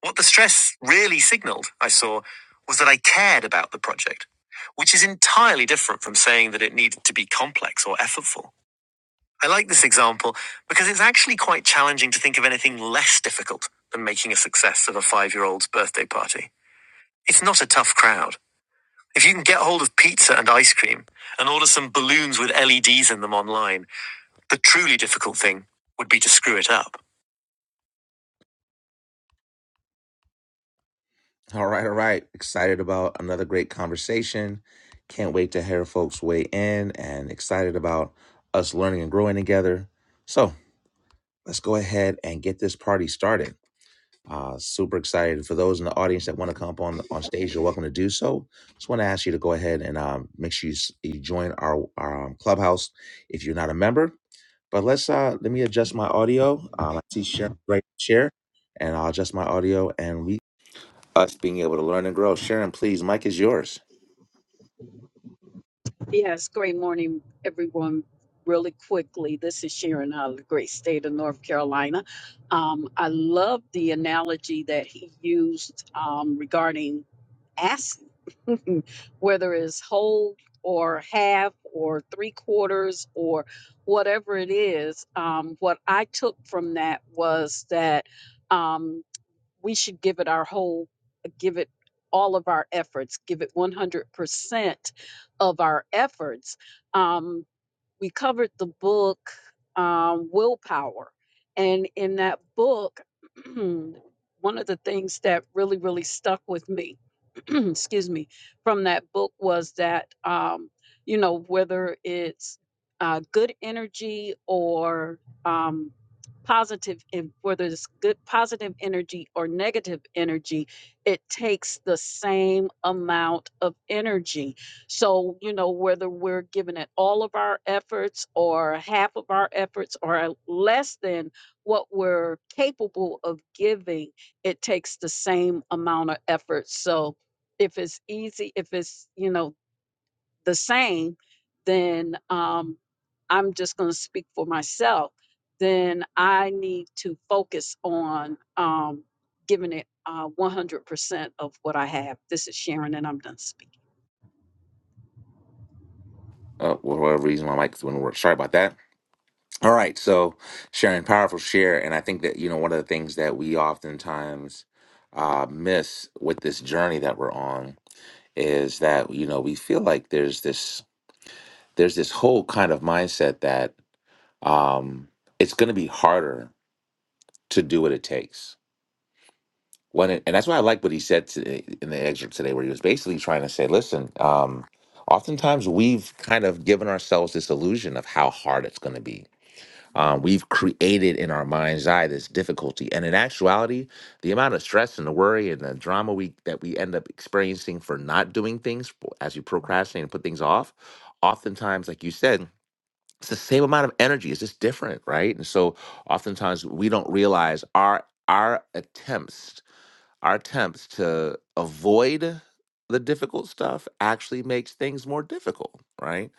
[SPEAKER 1] What the stress really signaled, I saw, was that I cared about the project, which is entirely different from saying that it needed to be complex or effortful. I like this example because it's actually quite challenging to think of anything less difficult than making a success of a five year old's birthday party. It's not a tough crowd. If you can get hold of pizza and ice cream and order some balloons with LEDs in them online, the truly difficult thing would be to screw it up. All right, all right. Excited about another great conversation. Can't wait to hear folks weigh in and excited about us learning and growing together. So let's go ahead and get this party started. Uh, super excited for those in the audience that want to come up on on stage. You're welcome to do so. Just want to ask you to go ahead and um, make sure you, s- you join our, our um, clubhouse if you're not a member But let's uh let me adjust my audio. Um, I see Sharon right share, and I'll adjust my audio and we us being able to learn and grow. Sharon, please, mic is yours.
[SPEAKER 9] Yes, great morning, everyone. Really quickly, this is Sharon out of the great state of North Carolina. Um, I love the analogy that he used um, regarding asking, whether it's whole or half or three quarters or whatever it is. Um, what I took from that was that. Um, we should give it our whole give it all of our efforts give it 100% of our efforts um, we covered the book um, willpower and in that book one of the things that really really stuck with me excuse me from that book was that um, you know whether it's uh, good energy or um, positive and whether it's good positive energy or negative energy it takes the same amount of energy so, you know, whether we're giving it all of our efforts or half of our efforts or less than what we're capable of giving, it takes the same amount of effort. So, if it's easy, if it's, you know, the same, then um, I'm just going to speak for myself, then I need to focus on um, giving it uh, 100% of what I have. This is Sharon, and I'm done speaking.
[SPEAKER 1] Uh, for whatever reason, my mic wouldn't work. Sorry about that. All right, so Sharon, powerful share, and I think that you know one of the things that we oftentimes uh, miss with this journey that we're on is that you know we feel like there's this there's this whole kind of mindset that um, it's going to be harder to do what it takes when it, and that's why I like what he said today in the excerpt today, where he was basically trying to say, listen, um, oftentimes we've kind of given ourselves this illusion of how hard it's going to be Uh, we've created in our mind's eye this difficulty, and in actuality, the amount of stress and the worry and the drama we that we end up experiencing for not doing things as you procrastinate and put things off, oftentimes, like you said, it's the same amount of energy. It's just different, right? And so, oftentimes, we don't realize our our attempts our attempts to avoid the difficult stuff actually makes things more difficult, right?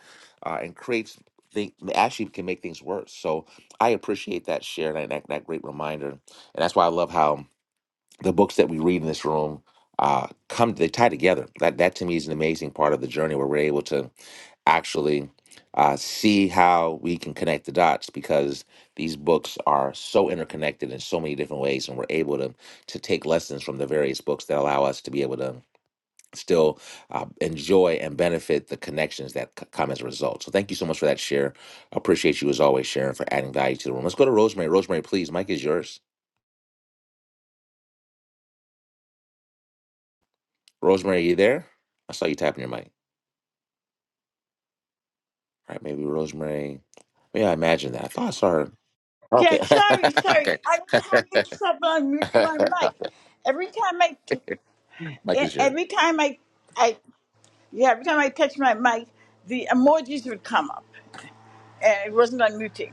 [SPEAKER 1] Uh, and creates things actually can make things worse. So I appreciate that share and that, that great reminder, and that's why I love how the books that we read in this room uh, come they tie together. That that to me is an amazing part of the journey where we're able to actually uh, see how we can connect the dots because these books are so interconnected in so many different ways, and we're able to to take lessons from the various books that allow us to be able to still uh, enjoy and benefit the connections that c- come as a result. So thank you so much for that share. Appreciate you as always, Sharon, for adding value to the room. Let's go to Rosemary. Rosemary, please, Mike is yours. Rosemary, are you there? I saw you tapping your mic. Right, maybe Rosemary. Yeah, I imagine that. I thought I saw her.
[SPEAKER 7] Yeah,
[SPEAKER 1] Okay.
[SPEAKER 7] sorry, sorry.
[SPEAKER 1] okay.
[SPEAKER 7] I was having trouble unmuting my mic. Every time I, t-
[SPEAKER 1] Mike is
[SPEAKER 7] e-
[SPEAKER 1] here.
[SPEAKER 7] every time I, I Yeah, every time I touched my mic, the emojis would come up, and it wasn't unmuting.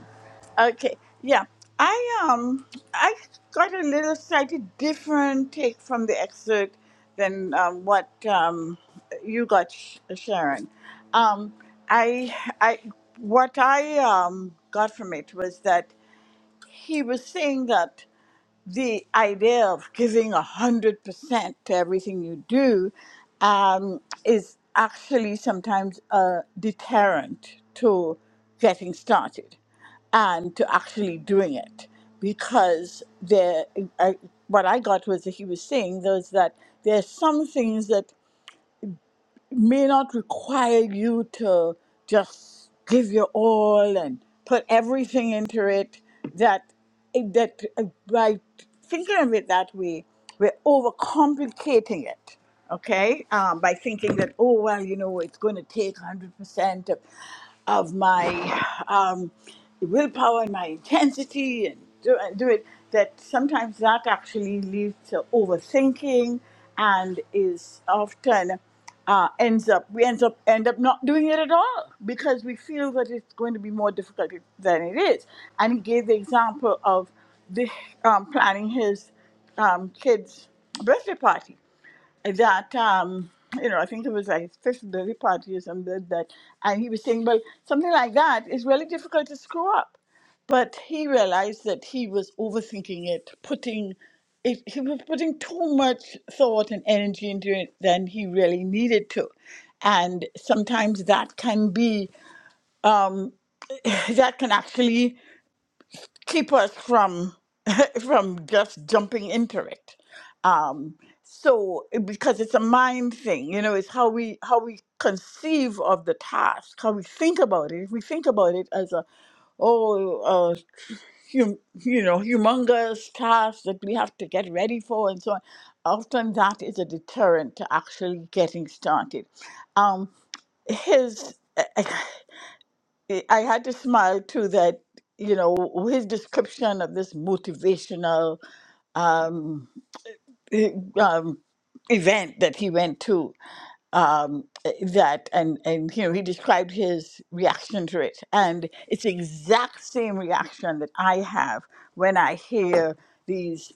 [SPEAKER 7] Okay, yeah, I um, I got a little slightly different take from the excerpt than um, what um, you got, Sh- Sharon. Um, I, I, what I um, got from it was that he was saying that the idea of giving 100% to everything you do um, is actually sometimes a deterrent to getting started and to actually doing it because there I, what i got was that he was saying was that there are some things that may not require you to just give your all and put everything into it that that by thinking of it that way we're overcomplicating it okay um, by thinking that oh well you know it's going to take 100% of, of my um, willpower and my intensity and do, and do it that sometimes that actually leads to overthinking and is often uh, ends up we ends up end up not doing it at all because we feel that it's going to be more difficult than it is. And he gave the example of the um, planning his um, kid's birthday party that um you know i think it was like his fifth birthday party or something that and he was saying well something like that is really difficult to screw up but he realized that he was overthinking it putting it, he was putting too much thought and energy into it than he really needed to and sometimes that can be um, that can actually keep us from from just jumping into it um so it- because it's a mind thing you know it's how we how we conceive of the task how we think about it if we think about it as a oh uh hum, you know humongous task that we have to get ready for and so on often that is a deterrent to actually getting started um his i I had to smile too that you know his description of this motivational um, e- um, event that he went to um, eh, that and and you know he described his reaction to it and it's the exact same reaction that i have when i hear these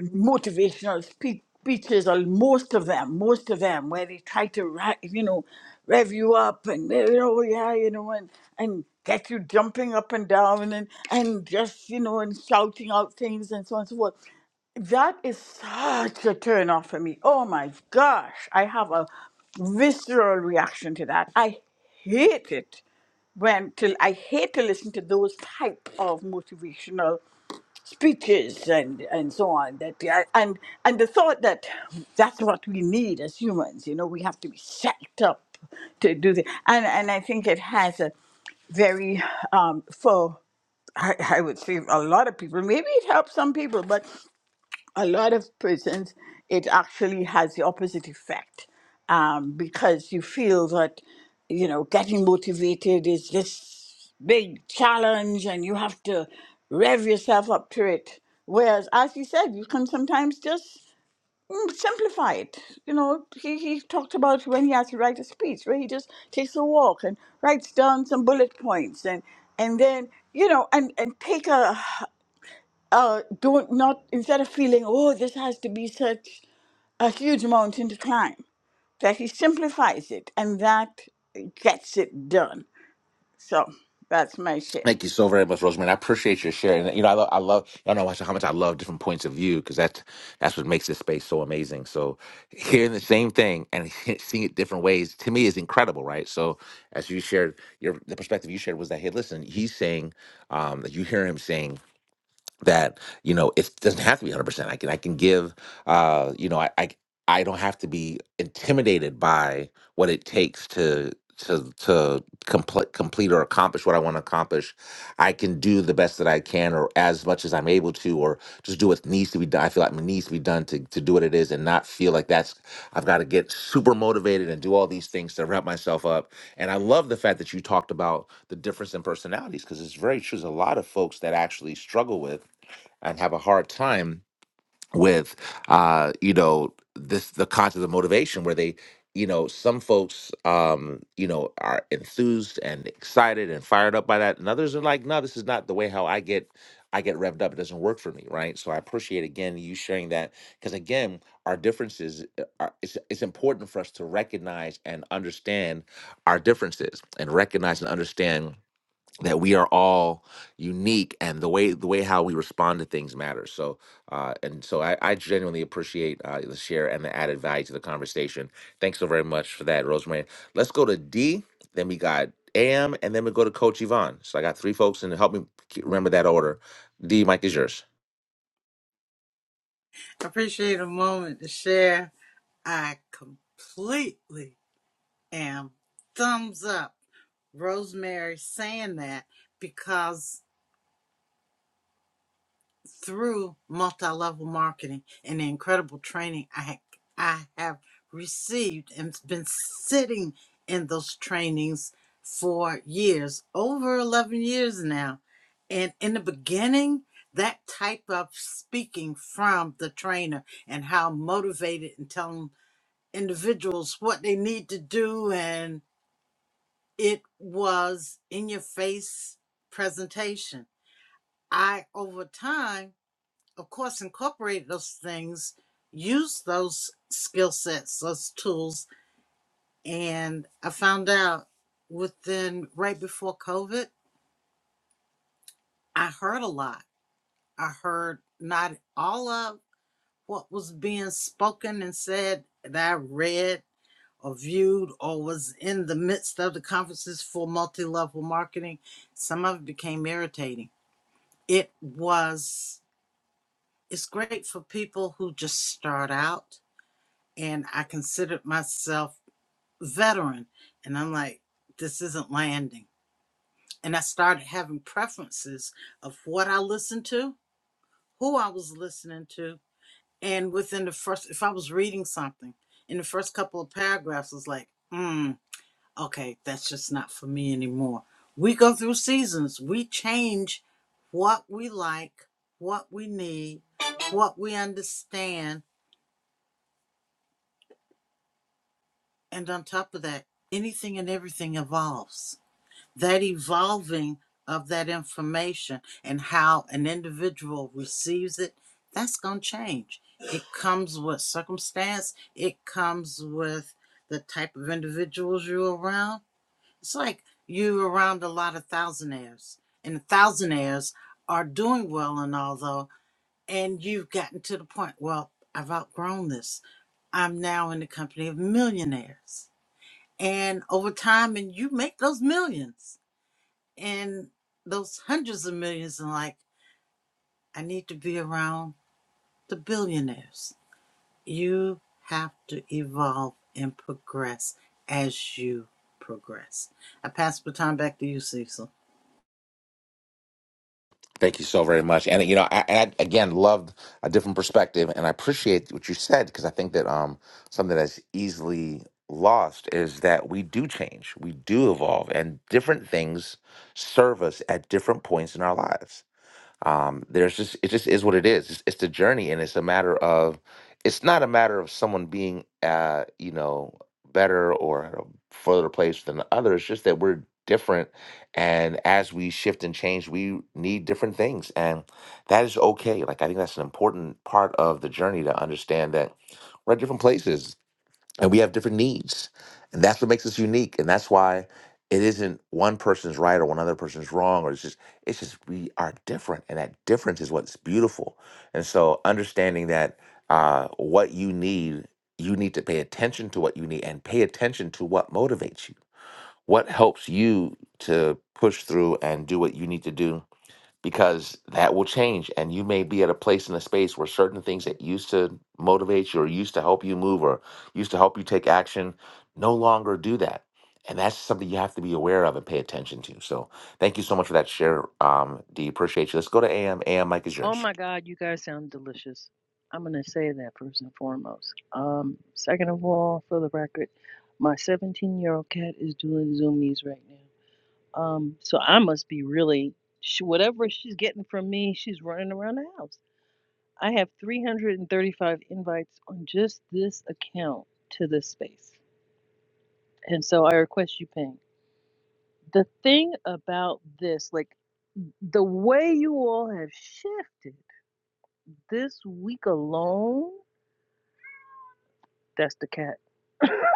[SPEAKER 7] motivational spe- speeches or most of them most of them where they try to ri- you know rev you up and you know yeah you know and and get you jumping up and down and and just you know and shouting out things and so on and so forth that is such a turn off for me. Oh my gosh. I have a visceral reaction to that. I hate it when till I hate to listen to those type of motivational speeches and and so on that yeah, and and the thought that that's what we need as humans you know we have to be set up to do this and and I think it has a very um, for I, I would say a lot of people. Maybe it helps some people, but a lot of persons, it actually has the opposite effect um, because you feel that, you know, getting motivated is this big challenge and you have to rev yourself up to it. Whereas, as you said, you can sometimes just mm, simplify it. You know, he, he talked about when he has to write a speech, where he just takes a walk and writes down some bullet points and, and then, you know, and, and take a uh, don't not instead of feeling oh this has to be such a huge mountain to climb that he simplifies it and that gets it done so that's my share
[SPEAKER 1] Thank you so very much, Rosemary. I appreciate your sharing. You know, I love, I love, y'all know how much I love different points of view because that's that's what makes this space so amazing. So hearing the same thing and seeing it different ways to me is incredible, right? So as you shared, your the perspective you shared was that hey, listen, he's saying um, that you hear him saying that you know it doesn't have to be 100% i can i can give uh you know i i, I don't have to be intimidated by what it takes to to to complete complete or accomplish what i want to accomplish i can do the best that i can or as much as i'm able to or just do what needs to be done i feel like what needs to be done to, to do what it is and not feel like that's i've got to get super motivated and do all these things to wrap myself up and i love the fact that you talked about the difference in personalities because it's very true there's a lot of folks that actually struggle with and have a hard time with uh you know this the concept of motivation where they you know some folks um you know are enthused and excited and fired up by that and others are like no this is not the way how i get i get revved up it doesn't work for me right so i appreciate again you sharing that because again our differences uh, are it's, it's important for us to recognize and understand our differences and recognize and understand that we are all unique and the way the way how we respond to things matters so uh and so i, I genuinely appreciate uh, the share and the added value to the conversation thanks so very much for that rosemary let's go to d then we got am and then we go to coach yvonne so i got three folks and help me ke- remember that order d mike is yours
[SPEAKER 2] appreciate a moment to share. I completely am thumbs up Rosemary saying that because through multi-level marketing and the incredible training I I have received and been sitting in those trainings for years, over 11 years now. And in the beginning, that type of speaking from the trainer and how motivated and telling individuals what they need to do and it was in your face presentation i over time of course incorporated those things used those skill sets those tools and i found out within right before covid i heard a lot i heard not all of what was being spoken and said that i read or viewed or was in the midst of the conferences for multi-level marketing some of it became irritating it was it's great for people who just start out and i considered myself veteran and i'm like this isn't landing and i started having preferences of what i listened to who i was listening to and within the first if i was reading something in the first couple of paragraphs I was like hmm. okay, that's just not for me anymore. We go through seasons. We change what we like, what we need, what we understand. And on top of that, anything and everything evolves. That evolving of that information and how an individual receives it, that's going to change. It comes with circumstance, it comes with the type of individuals you're around It's like you are around a lot of thousandaires, and thousandaires are doing well and all though, and you've gotten to the point, well, I've outgrown this. I'm now in the company of millionaires. And over time, and you make those millions and those hundreds of millions, and like, I need to be around the billionaires. You have to evolve and progress as you progress. I pass the time back to you, Cecil.
[SPEAKER 1] Thank you so very much. And you know, I, and I again loved a different perspective, and I appreciate what you said because I think that um something that's easily lost is that we do change, we do evolve, and different things serve us at different points in our lives um, there's just it just is what it is. It's, it's the journey, and it's a matter of it's not a matter of someone being uh, you know better or at a further place than the other. It's just that we're different, and as we shift and change, we need different things, and that is okay. Like I think that's an important part of the journey to understand that we're at different places and we have different needs and that's what makes us unique and that's why it isn't one person's right or one other person's wrong or it's just it's just we are different and that difference is what's beautiful and so understanding that uh, what you need you need to pay attention to what you need and pay attention to what motivates you what helps you to push through and do what you need to do because that will change and you may be at a place in a space where certain things that used to motivate you or used to help you move or used to help you take action no longer do that and that's something you have to be aware of and pay attention to so thank you so much for that share um d appreciate you let's go to am am mike is
[SPEAKER 5] Oh
[SPEAKER 1] yours
[SPEAKER 5] my God, you guys sound delicious. I'm gonna say that first and foremost. Um, second of all, for the record, my 17 year old cat is doing zoomies right now. Um, so I must be really, sh whatever she's getting from me, she's running around the house. I have 335 invites on just this account to this space. And so I request you ping. The thing about this, like the way you all have shifted this week alone, that's the cat.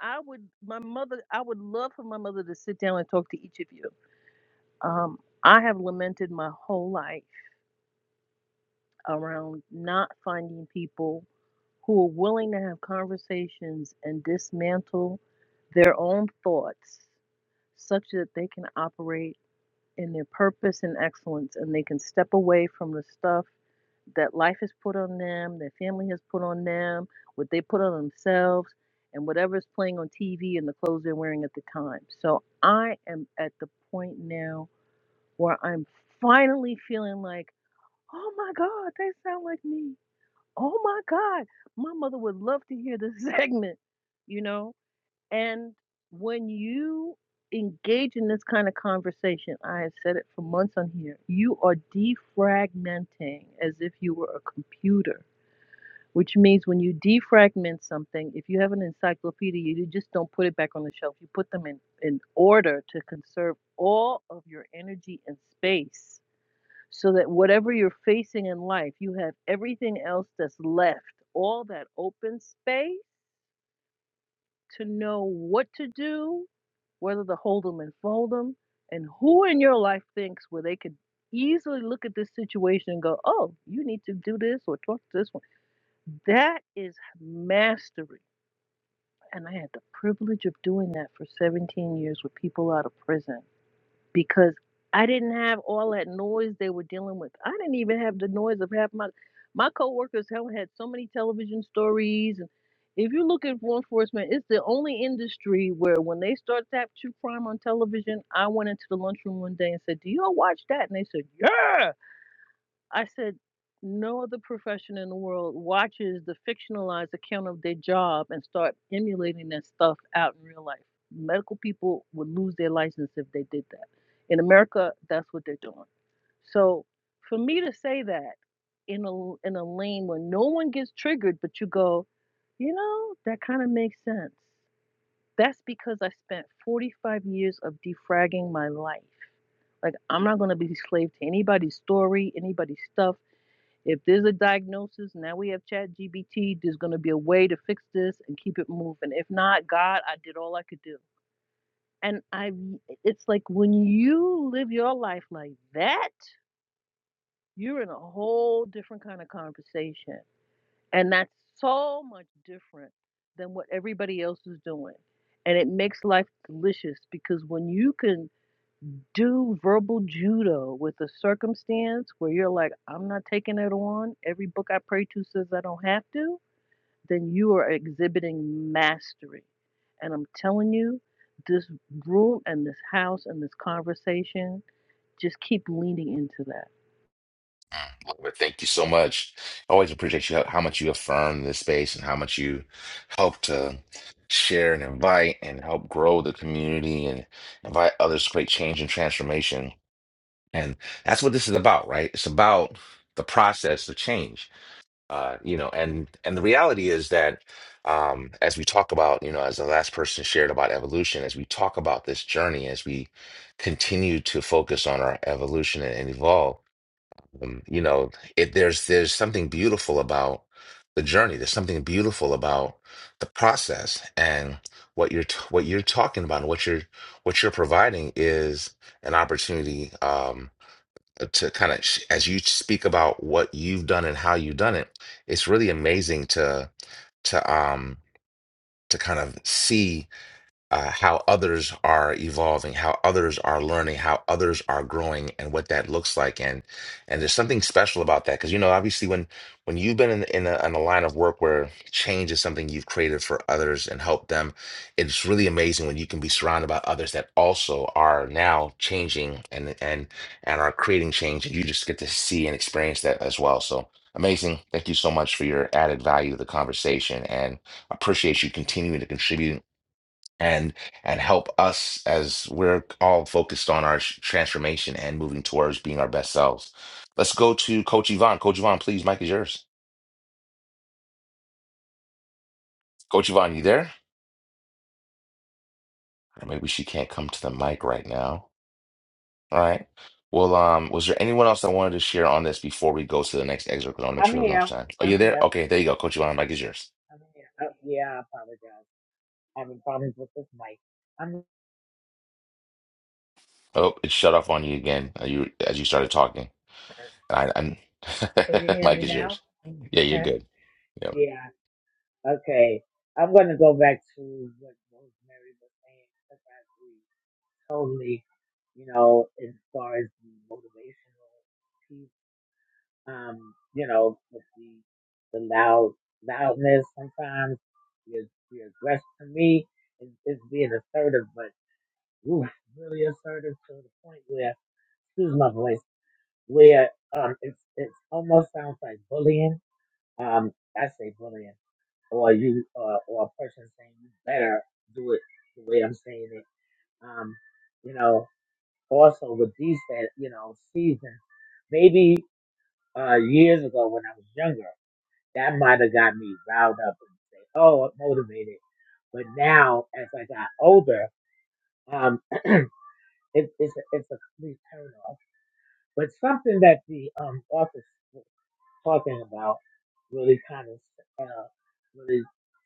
[SPEAKER 5] I would, my mother, I would love for my mother to sit down and talk to each of you. Um, I have lamented my whole life around not finding people who are willing to have conversations and dismantle their own thoughts such that they can operate in their purpose and excellence and they can step away from the stuff that life has put on them, their family has put on them, what they put on themselves, and whatever's playing on TV and the clothes they're wearing at the time. So I am at the point now where I'm finally feeling like, oh my God, they sound like me. Oh my God, my mother would love to hear this segment, you know? And when you engage in this kind of conversation, I have said it for months on here, you are defragmenting as if you were a computer, which means when you defragment something, if you have an encyclopedia, you just don't put it back on the shelf. You put them in, in order to conserve all of your energy and space so that whatever you're facing in life, you have everything else that's left, all that open space to know what to do, whether to hold them and fold them, and who in your life thinks where they could easily look at this situation and go, oh, you need to do this or talk to this one. That is mastery. And I had the privilege of doing that for 17 years with people out of prison because I didn't have all that noise they were dealing with. I didn't even have the noise of half my my coworkers have had so many television stories and if you look at law enforcement, it's the only industry where when they start that true crime on television, I went into the lunchroom one day and said, Do y'all watch that? And they said, Yeah. I said, no other profession in the world watches the fictionalized account of their job and start emulating that stuff out in real life. Medical people would lose their license if they did that. In America, that's what they're doing. So for me to say that in a in a lane where no one gets triggered, but you go, you know, that kind of makes sense. That's because I spent 45 years of defragging my life. Like I'm not gonna be a slave to anybody's story, anybody's stuff. If there's a diagnosis, now we have Chat GBT, there's going to be a way to fix this and keep it moving. If not, God, I did all I could do. And I, it's like when you live your life like that, you're in a whole different kind of conversation. And that's so much different than what everybody else is doing. And it makes life delicious because when you can do verbal judo with a circumstance where you're like, I'm not taking it on, every book I pray to says I don't have to then you are exhibiting mastery. And I'm telling you, this room and this house and this conversation, just keep leaning into that.
[SPEAKER 1] Well, thank you so much. Always appreciate you how, how much you affirm this space and how much you help to share and invite and help grow the community and invite others to create change and transformation. And that's what this is about, right? It's about the process of change. Uh, you know, and and the reality is that um as we talk about, you know, as the last person shared about evolution, as we talk about this journey, as we continue to focus on our evolution and, and evolve, um, you know, it there's there's something beautiful about the journey. There's something beautiful about the process and what you're t- what you're talking about and what you're what you're providing is an opportunity. Um, uh, to kind of as you speak about what you've done and how you've done it it's really amazing to to um to kind of see uh, how others are evolving, how others are learning, how others are growing, and what that looks like. And and there's something special about that because you know, obviously, when when you've been in in a, in a line of work where change is something you've created for others and helped them, it's really amazing when you can be surrounded by others that also are now changing and and and are creating change, and you just get to see and experience that as well. So. Amazing. Thank you so much for your added value to the conversation and appreciate you continuing to contribute and and help us as we're all focused on our sh- transformation and moving towards being our best selves. Let's go to Coach Yvonne. Coach Yvonne, please, mic is yours. Coach Yvonne, you there? Or maybe she can't come to the mic right now. All right. Well, um, was there anyone else that wanted to share on this before we go to the next excerpt? Because I want to make
[SPEAKER 16] I'm
[SPEAKER 1] sure we have enough
[SPEAKER 16] here.
[SPEAKER 1] time. Oh,
[SPEAKER 16] I'm
[SPEAKER 1] you there?
[SPEAKER 16] here.
[SPEAKER 1] Okay, there you go, Coach Yvonne. Mic is yours.
[SPEAKER 16] I'm here. Oh, yeah, I apologize. Having problems with this mic. I'm.
[SPEAKER 1] Oh, it shut off on you again. uh, You as you started talking. And I, I'm,
[SPEAKER 16] Can you hear
[SPEAKER 1] mic
[SPEAKER 16] me
[SPEAKER 1] is
[SPEAKER 16] now?
[SPEAKER 1] yours. Yeah, you're good. Yep.
[SPEAKER 16] yeah. Okay. I'm going to go back to what Rosemary was saying because I agree totally. You know, as far as the motivational piece, um, you know, with the the loud loudness sometimes, the the aggression to me is, is being assertive, but ooh, really assertive to the point where excuse my voice, where um, it's it almost sounds like bullying. Um, I say bullying, or you, uh, or a person saying you better do it the way I'm saying it. Um, you know, also with these, that you know, seasons, maybe uh, years ago when I was younger, that might have got me riled up and say, oh, motivated. But now, as I got older, um, it, it's a, it's a complete turn off. But something that the um author talking about really kind of uh, really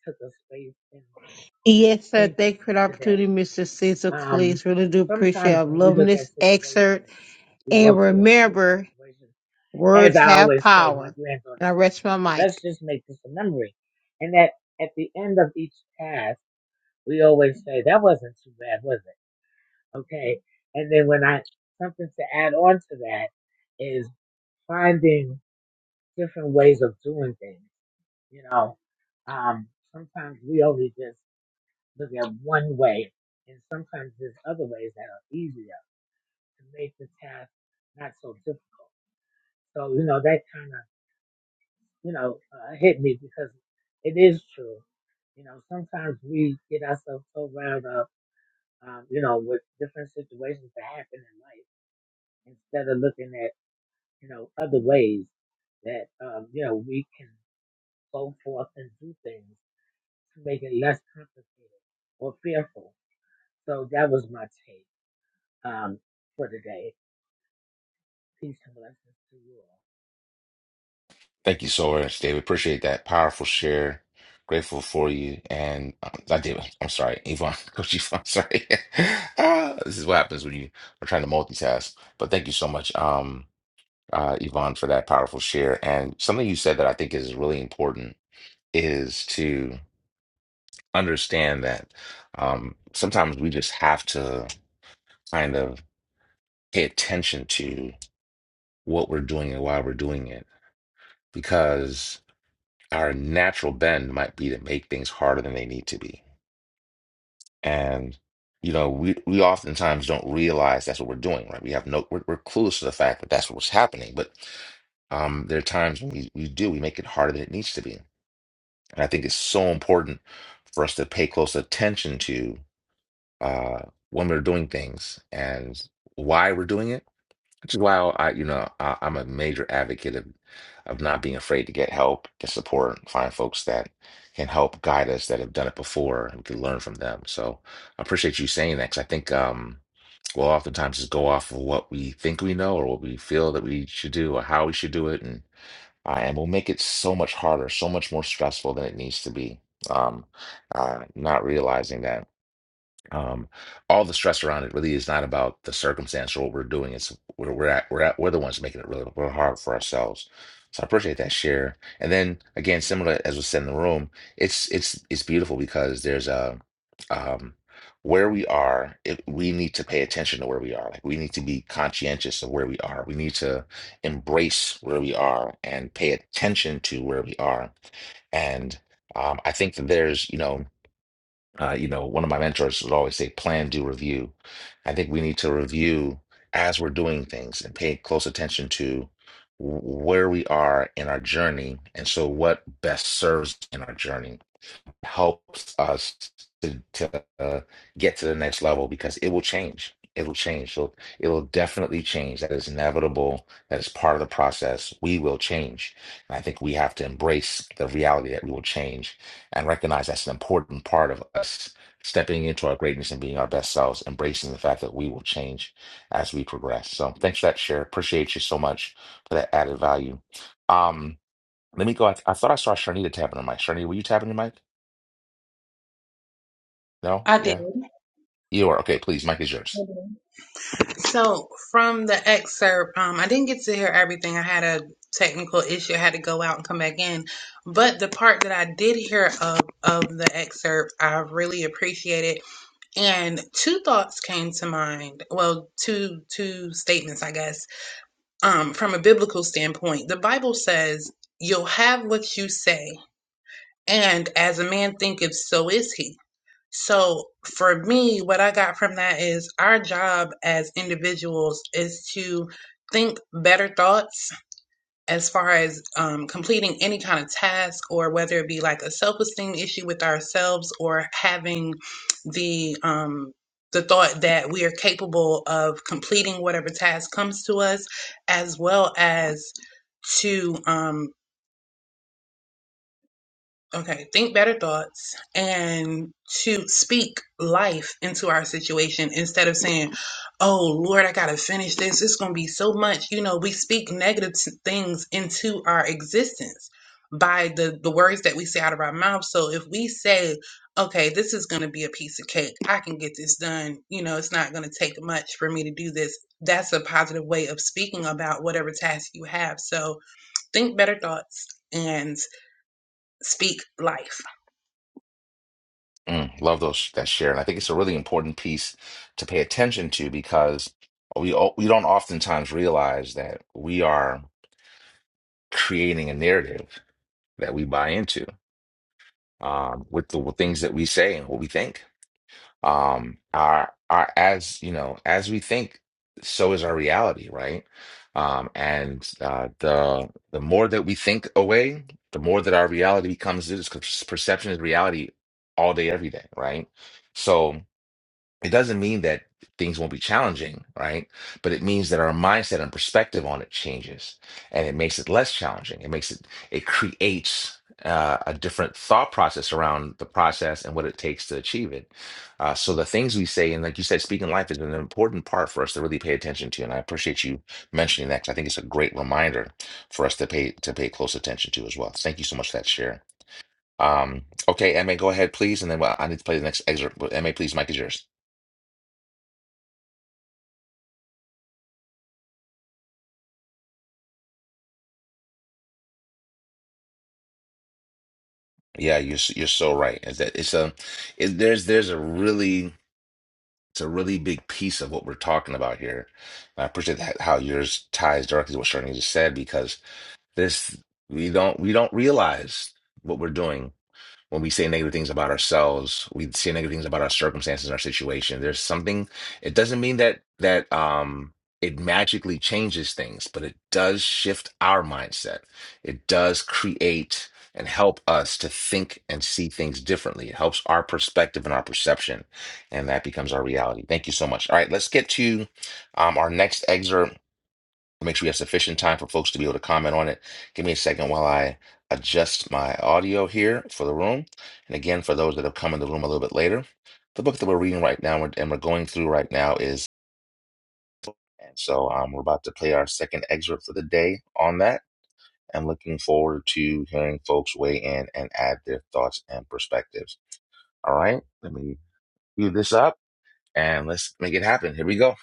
[SPEAKER 16] took a space in my
[SPEAKER 15] Yes, sir.
[SPEAKER 16] thinking
[SPEAKER 15] Thank you for the
[SPEAKER 16] today.
[SPEAKER 15] opportunity, Mr. Cecil
[SPEAKER 16] Um,
[SPEAKER 15] Cleese. Really do appreciate it.
[SPEAKER 16] sometimes
[SPEAKER 15] I'm
[SPEAKER 16] when we
[SPEAKER 15] loving
[SPEAKER 16] look at
[SPEAKER 15] this
[SPEAKER 16] situations,
[SPEAKER 15] excerpt.
[SPEAKER 16] we
[SPEAKER 15] And
[SPEAKER 16] go to a approach
[SPEAKER 15] remember,
[SPEAKER 16] situation. As
[SPEAKER 15] words
[SPEAKER 16] I
[SPEAKER 15] have
[SPEAKER 16] always say, my
[SPEAKER 15] power. And
[SPEAKER 16] granddaughter
[SPEAKER 15] I
[SPEAKER 16] says,
[SPEAKER 15] rest my
[SPEAKER 16] let's
[SPEAKER 15] mic.
[SPEAKER 16] just make this a memory. And that at the end of each task, we always say, that wasn't too bad, was it? Okay. And then when I, something to add on to that is finding different ways of doing things. You know, um, sometimes we only just look at one way, and sometimes there's other ways that are easier to make the task not so difficult. So, you know, that kind of, you know, uh, hit me because it is true. You know, sometimes we get ourselves so wound up, um, you know, with different situations that happen in life instead of looking at, you know, other ways that, um, you know, we can go forth and do things to make it less complicated or fearful. So that was my take um, for today. Peace and blessings to you all.
[SPEAKER 1] Thank you so much, David. Appreciate that powerful share. Grateful for you. And um, not David, I'm sorry, Yvonne, Coach Yvonne, sorry. Ah, this is what happens when you are trying to multitask. But thank you so much, um, uh, Yvonne, for that powerful share. And something you said that I think is really important is to understand that um, sometimes we just have to kind of pay attention to what we're doing and why we're doing it. because. our natural bend might be to make things harder than they need to be. And you know, we we oftentimes don't realize that's what we're doing, right? We have no, we're, we're clueless to the fact that that's what's happening. But um, there are times when we, we do, we make it harder than it needs to be. And I think it's so important for us to pay close attention to uh, when we're doing things and why we're doing it which is why I, you know, I, I'm a major advocate of of not being afraid to get help, get support, find folks that can help guide us that have done it before and we can learn from them. So I appreciate you saying that because I think um, we'll oftentimes just go off of what we think we know or what we feel that we should do or how we should do it, and uh, and we'll make it so much harder, so much more stressful than it needs to be. Um, uh, not realizing that um, all the stress around it really is not about the circumstance or what we're doing. It's we're we're at, we're at, we're the ones making it really real hard for ourselves. So I appreciate that share. And then again, similar as was said in the room, it's it's it's beautiful because there's a um, where we are. It, we need to pay attention to where we are. Like we need to be conscientious of where we are. We need to embrace where we are and pay attention to where we are. And um, I think that there's you know uh, you know, one of my mentors would always say, plan, do, review. I think we need to review as we're doing things and pay close attention to wh- where we are in our journey. And so, what best serves in our journey? helps us to, to uh, get to the next level because it will change. It'll change. So it will definitely change. That is inevitable. That is part of the process. We will change. And I think we have to embrace the reality that we will change and recognize that's an important part of us stepping into our greatness and being our best selves, embracing the fact that we will change as we progress. So thanks for that share. Appreciate you so much for that added value. Um, let me go. I, I thought I saw Sharnita tapping her mic. Sharnita, were you tapping your mic? No?
[SPEAKER 14] I did.
[SPEAKER 1] Yeah. You are. Okay, please. Mike is yours.
[SPEAKER 14] So from the excerpt, um, I didn't get to hear everything. I had a technical issue. I had to go out and come back in. But the part that I did hear of of the excerpt, I really appreciated. And two thoughts came to mind. Well, two two statements, I guess. Um, from a biblical standpoint, the Bible says, "You'll have what you say." And as a man thinketh, so is he. So for me, what I got from that is our job as individuals is to think better thoughts as far as um, completing any kind of task or whether it be like a self-esteem issue with ourselves or having the um, the thought that we are capable of completing whatever task comes to us as well as to um, Okay, think better thoughts and to speak life into our situation instead of saying, Oh Lord, I gotta finish this. It's gonna be so much. You know, we speak negative s- things into our existence by the, the words that we say out of our mouth. So if we say, Okay, this is gonna be a piece of cake, I can get this done, you know, it's not gonna take much for me to do this. That's a positive way of speaking about whatever task you have. So think better thoughts and speak life.
[SPEAKER 1] Mm, love those that share. And I think it's a really important piece to pay attention to because we o- we don't oftentimes realize that we are creating a narrative that we buy into um, with the things that we say and what we think. um our our as you know as we think so is our reality right um and uh the the more that we think away the more that our reality becomes this because perception is reality all day every day right so it doesn't mean that things won't be challenging, right? But it means that our mindset and perspective on it changes and it makes it less challenging. It makes it, it creates uh, a different thought process around the process and what it takes to achieve it. Uh, so the things we say, and like you said, speaking life is an important part for us to really pay attention to. And I appreciate you mentioning that because I think it's a great reminder for us to pay to pay close attention to as well. Thank you so much for that share. Um, okay, Emma, go ahead, please, and then well, I need to play the next excerpt. But Emma, please, Mike is yours. Yeah, you're s- you're so right. Is that it's a it, there's there's a really it's a really big piece of what we're talking about here. And I appreciate that how yours ties directly to what Sharni just said because this we don't we don't realize what we're doing when we say negative things about ourselves, we say negative things about our circumstances and our situation. There's something, it doesn't mean that that um it magically changes things, but it does shift our mindset. It does create and help us to think and see things differently. It helps our perspective and our perception, and that becomes our reality. Thank you so much. All right, let's get to um, our next excerpt Make sure we have sufficient time for folks to be able to comment on it. Give me a second while I adjust my audio here for the room. And again, for those that have come in the room a little bit later, the book that we're reading right now and we're going through right now is, and so um, we're about to play our second excerpt for the day on that. I'm looking forward to hearing folks weigh in and add their thoughts and perspectives. All right, let me view this up and let's make it happen. Here we go.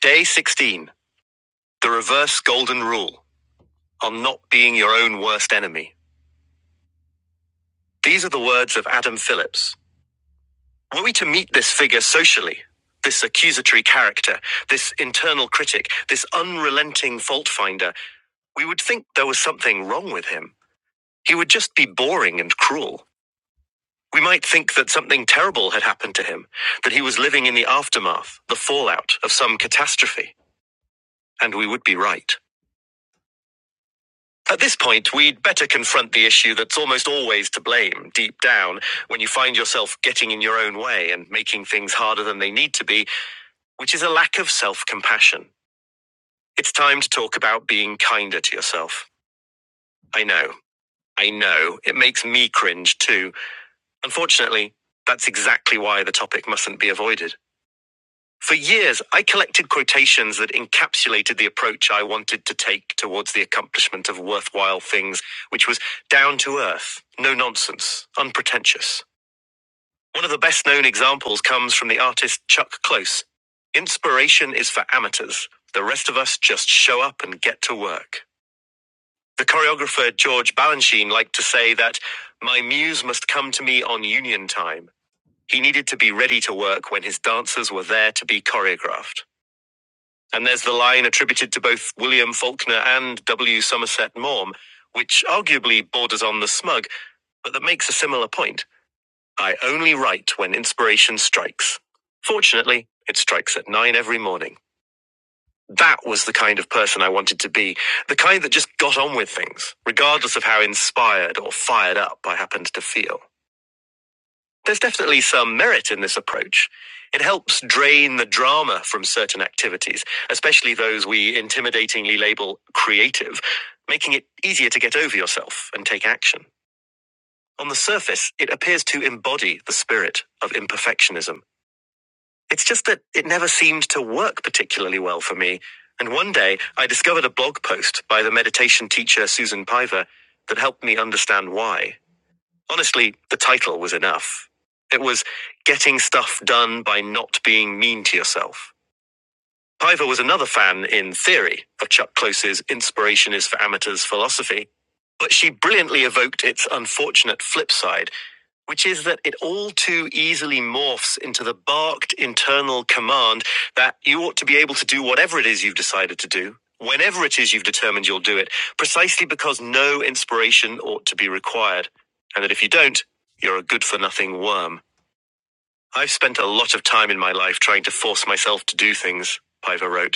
[SPEAKER 1] Day 16 The Reverse Golden Rule on Not Being Your Own Worst Enemy. These are the words of Adam Phillips. Were we to meet this figure socially, this accusatory character, this internal critic, this unrelenting fault finder, we would think there was something wrong with him. He would just be boring and cruel. We might think that something terrible had happened to him, that he was living in the aftermath, the fallout of some catastrophe, and we would be right. At this point, we'd better confront the issue that's almost always to blame deep down when you find yourself getting in your own way and making things harder than they need to be, which is a lack of self compassion. It's time to talk about being kinder to yourself. I know, I know, it makes me cringe too. Unfortunately, that's exactly why the topic mustn't be avoided. For years, I collected quotations that encapsulated the approach I wanted to take towards the accomplishment of worthwhile things, which was down to earth, no nonsense, unpretentious. One of the best known examples comes from the artist Chuck Close. Inspiration is for amateurs. The rest of us just show up and get to work. The choreographer George Balanchine liked to say that my muse must come to me on union time. He needed to be ready to work when his dancers were there to be choreographed. And there's the line attributed to both William Faulkner and W. Somerset Maugham, which arguably borders on the smug, but that makes a similar point. I only write when inspiration strikes. Fortunately, it strikes at nine every morning. That was the kind of person I wanted to be, the kind that just got on with things, regardless of how inspired or fired up I happened to feel. There's definitely some merit in this approach. It helps drain the drama from certain activities, especially those we intimidatingly label creative, making it easier to get over yourself and take action. On the surface, it appears to embody the spirit of imperfectionism. It's just that it never seemed to work particularly well for me. And one day, I discovered a blog post by the meditation teacher Susan Piver that helped me understand why. Honestly, the title was enough. It was Getting Stuff Done by Not Being Mean to Yourself. Piver was another fan, in theory, of Chuck Close's Inspiration is for Amateurs philosophy, but she brilliantly evoked its unfortunate flip side which is that it all too easily morphs into the barked internal command that you ought to be able to do whatever it is you've decided to do, whenever it is you've determined you'll do it, precisely because no inspiration ought to be required, and that if you don't, you're a good for nothing worm. I've spent a lot of time in my life trying to force myself to do things, Piper wrote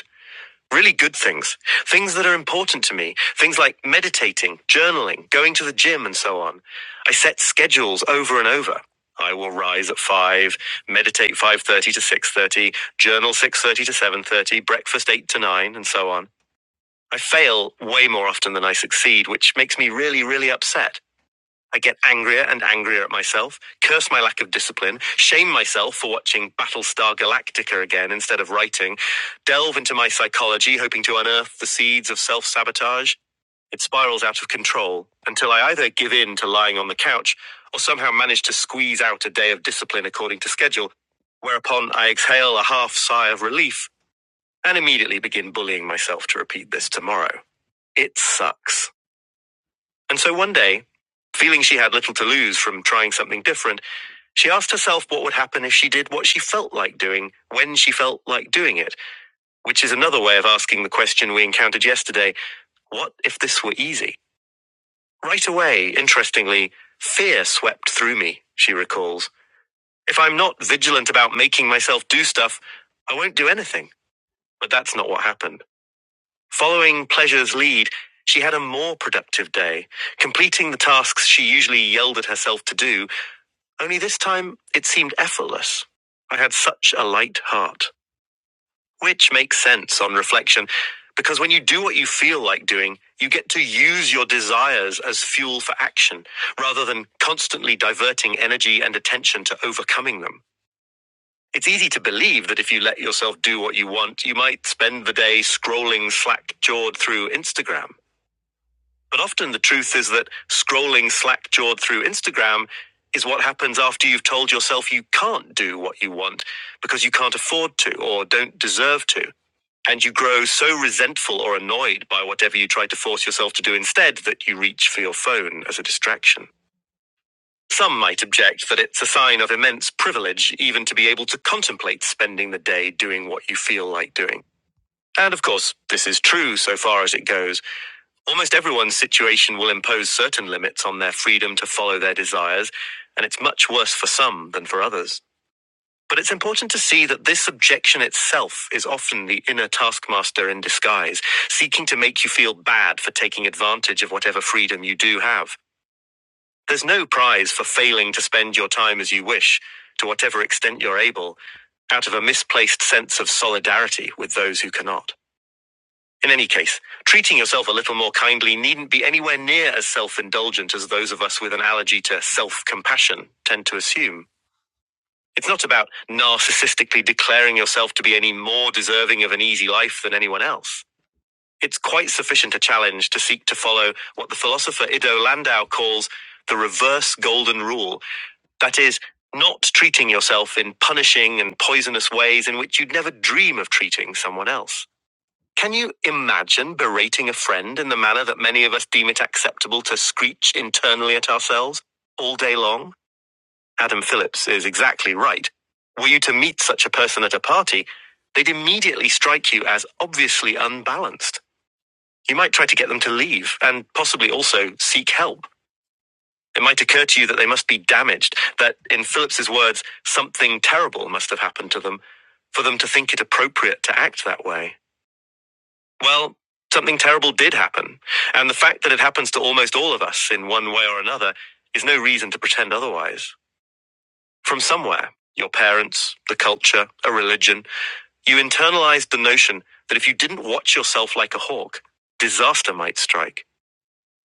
[SPEAKER 1] really good things, things that are important to me, things like meditating, journaling, going to the gym, and so on. I set schedules over and over. I will rise at 5, meditate 5:30 to 6:30, journal 6:30 to 7:30, breakfast 8 to 9 and so on. I fail way more often than I succeed, which makes me really really upset. I get angrier and angrier at myself, curse my lack of discipline, shame myself for watching Battlestar Galactica again instead of writing, delve into my psychology, hoping to unearth the seeds of self sabotage. It spirals out of control until I either give in to lying on the couch or somehow manage to squeeze out a day of discipline according to schedule, whereupon I exhale a half sigh of relief and immediately begin bullying myself to repeat this tomorrow. It sucks. And so one day, feeling she had little to lose from trying something different, she asked herself what would happen if she did what she felt like doing when she felt like doing it, which is another way of asking the question we encountered yesterday what if this were easy? Right away, interestingly, fear swept through me, she recalls. If I'm not vigilant about making myself do stuff, I won't do anything. But that's not what happened. Following pleasure's lead, she had a more productive day, completing the tasks she usually yelled at herself to do Only this time it seemed effortless. I had such a light heart. Which makes sense on reflection, because when you do what you feel like doing, you get to use your desires as fuel for action, rather than constantly diverting energy and attention to overcoming them. It's easy to believe that if you let yourself do what you want, you might spend the day scrolling slack jawed through Instagram. But often the truth is that scrolling slack jawed through Instagram is what happens after you've told yourself you can't do what you want because you can't afford to or don't deserve to. And you grow so resentful or annoyed by whatever you try to force yourself to do instead that you reach for your phone as a distraction. Some might object that it's a sign of immense privilege even to be able to contemplate spending the day doing what you feel like doing. And of course, this is true so far as it goes. Almost everyone's situation will impose certain limits on their freedom to follow their desires, and it's much worse for some than for others. But it's important to see that this objection itself is often the inner taskmaster in disguise, seeking to make you feel bad for taking advantage of whatever freedom you do have. There's no prize for failing to spend your time as you wish, to whatever extent you're able, out of a misplaced sense of solidarity with those who cannot. In any case, treating yourself a little more kindly needn't be anywhere near as self indulgent as those of us with an allergy to self compassion tend to assume. It's not about narcissistically declaring yourself to be any more deserving of an easy life than anyone else. It's quite sufficient a challenge to seek to follow what the philosopher Ido Landau calls the reverse golden rule that is, not treating yourself in punishing and poisonous ways in which you'd never dream of treating someone else. Can you imagine berating a friend in the manner that many of us deem it acceptable to screech internally at ourselves all day long? Adam Phillips is exactly right. Were you to meet such a person at a party, they'd immediately strike you as obviously unbalanced. You might try to get them to leave and possibly also seek help. It might occur to you that they must be damaged, that in Phillips's words, something terrible must have happened to them for them to think it appropriate to act that way. Well, something terrible did happen, and the fact that it happens to almost all of us in one way or another is no reason to pretend otherwise. From somewhere, your parents, the culture, a religion, you internalized the notion that if you didn't watch yourself like a hawk, disaster might strike.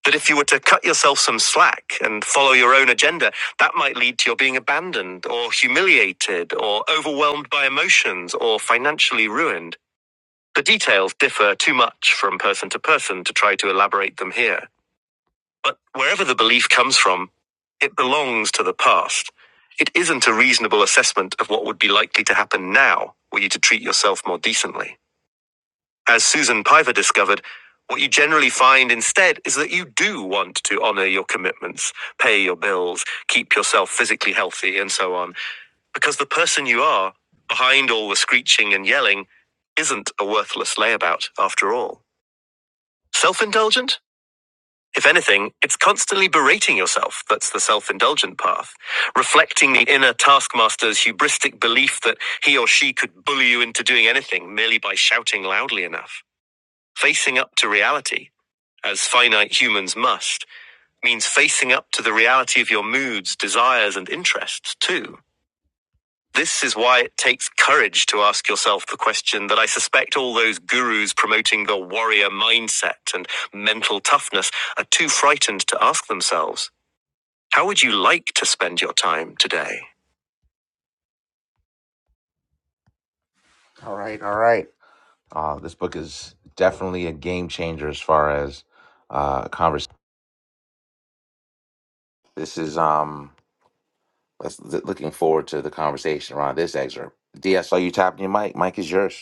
[SPEAKER 1] That if you were to cut yourself some slack and follow your own agenda, that might lead to your being abandoned or humiliated or overwhelmed by emotions or financially ruined. The details differ too much from person to person to try to elaborate them here. But wherever the belief comes from, it belongs to the past. It isn't a reasonable assessment of what would be likely to happen now were you to treat yourself more decently. As Susan Piver discovered, what you generally find instead is that you do want to honor your commitments, pay your bills, keep yourself physically healthy, and so on, because the person you are, behind all the screeching and yelling, isn't a worthless layabout after all. Self indulgent? If anything, it's constantly berating yourself that's the self indulgent path, reflecting the inner taskmaster's hubristic belief that he or she could bully you into doing anything merely by shouting loudly enough. Facing up to reality, as finite humans must, means facing up to the reality of your moods, desires, and interests, too. This is why it takes courage to ask yourself the question that I suspect all those gurus promoting the warrior mindset and mental toughness are too frightened to ask themselves. How would you like to spend your time today? All right, all right. Uh, this book is definitely a game changer as far as uh, conversation. This is um, let's, looking forward to the conversation around this excerpt. D, I saw you tapping your mic. Mic is yours.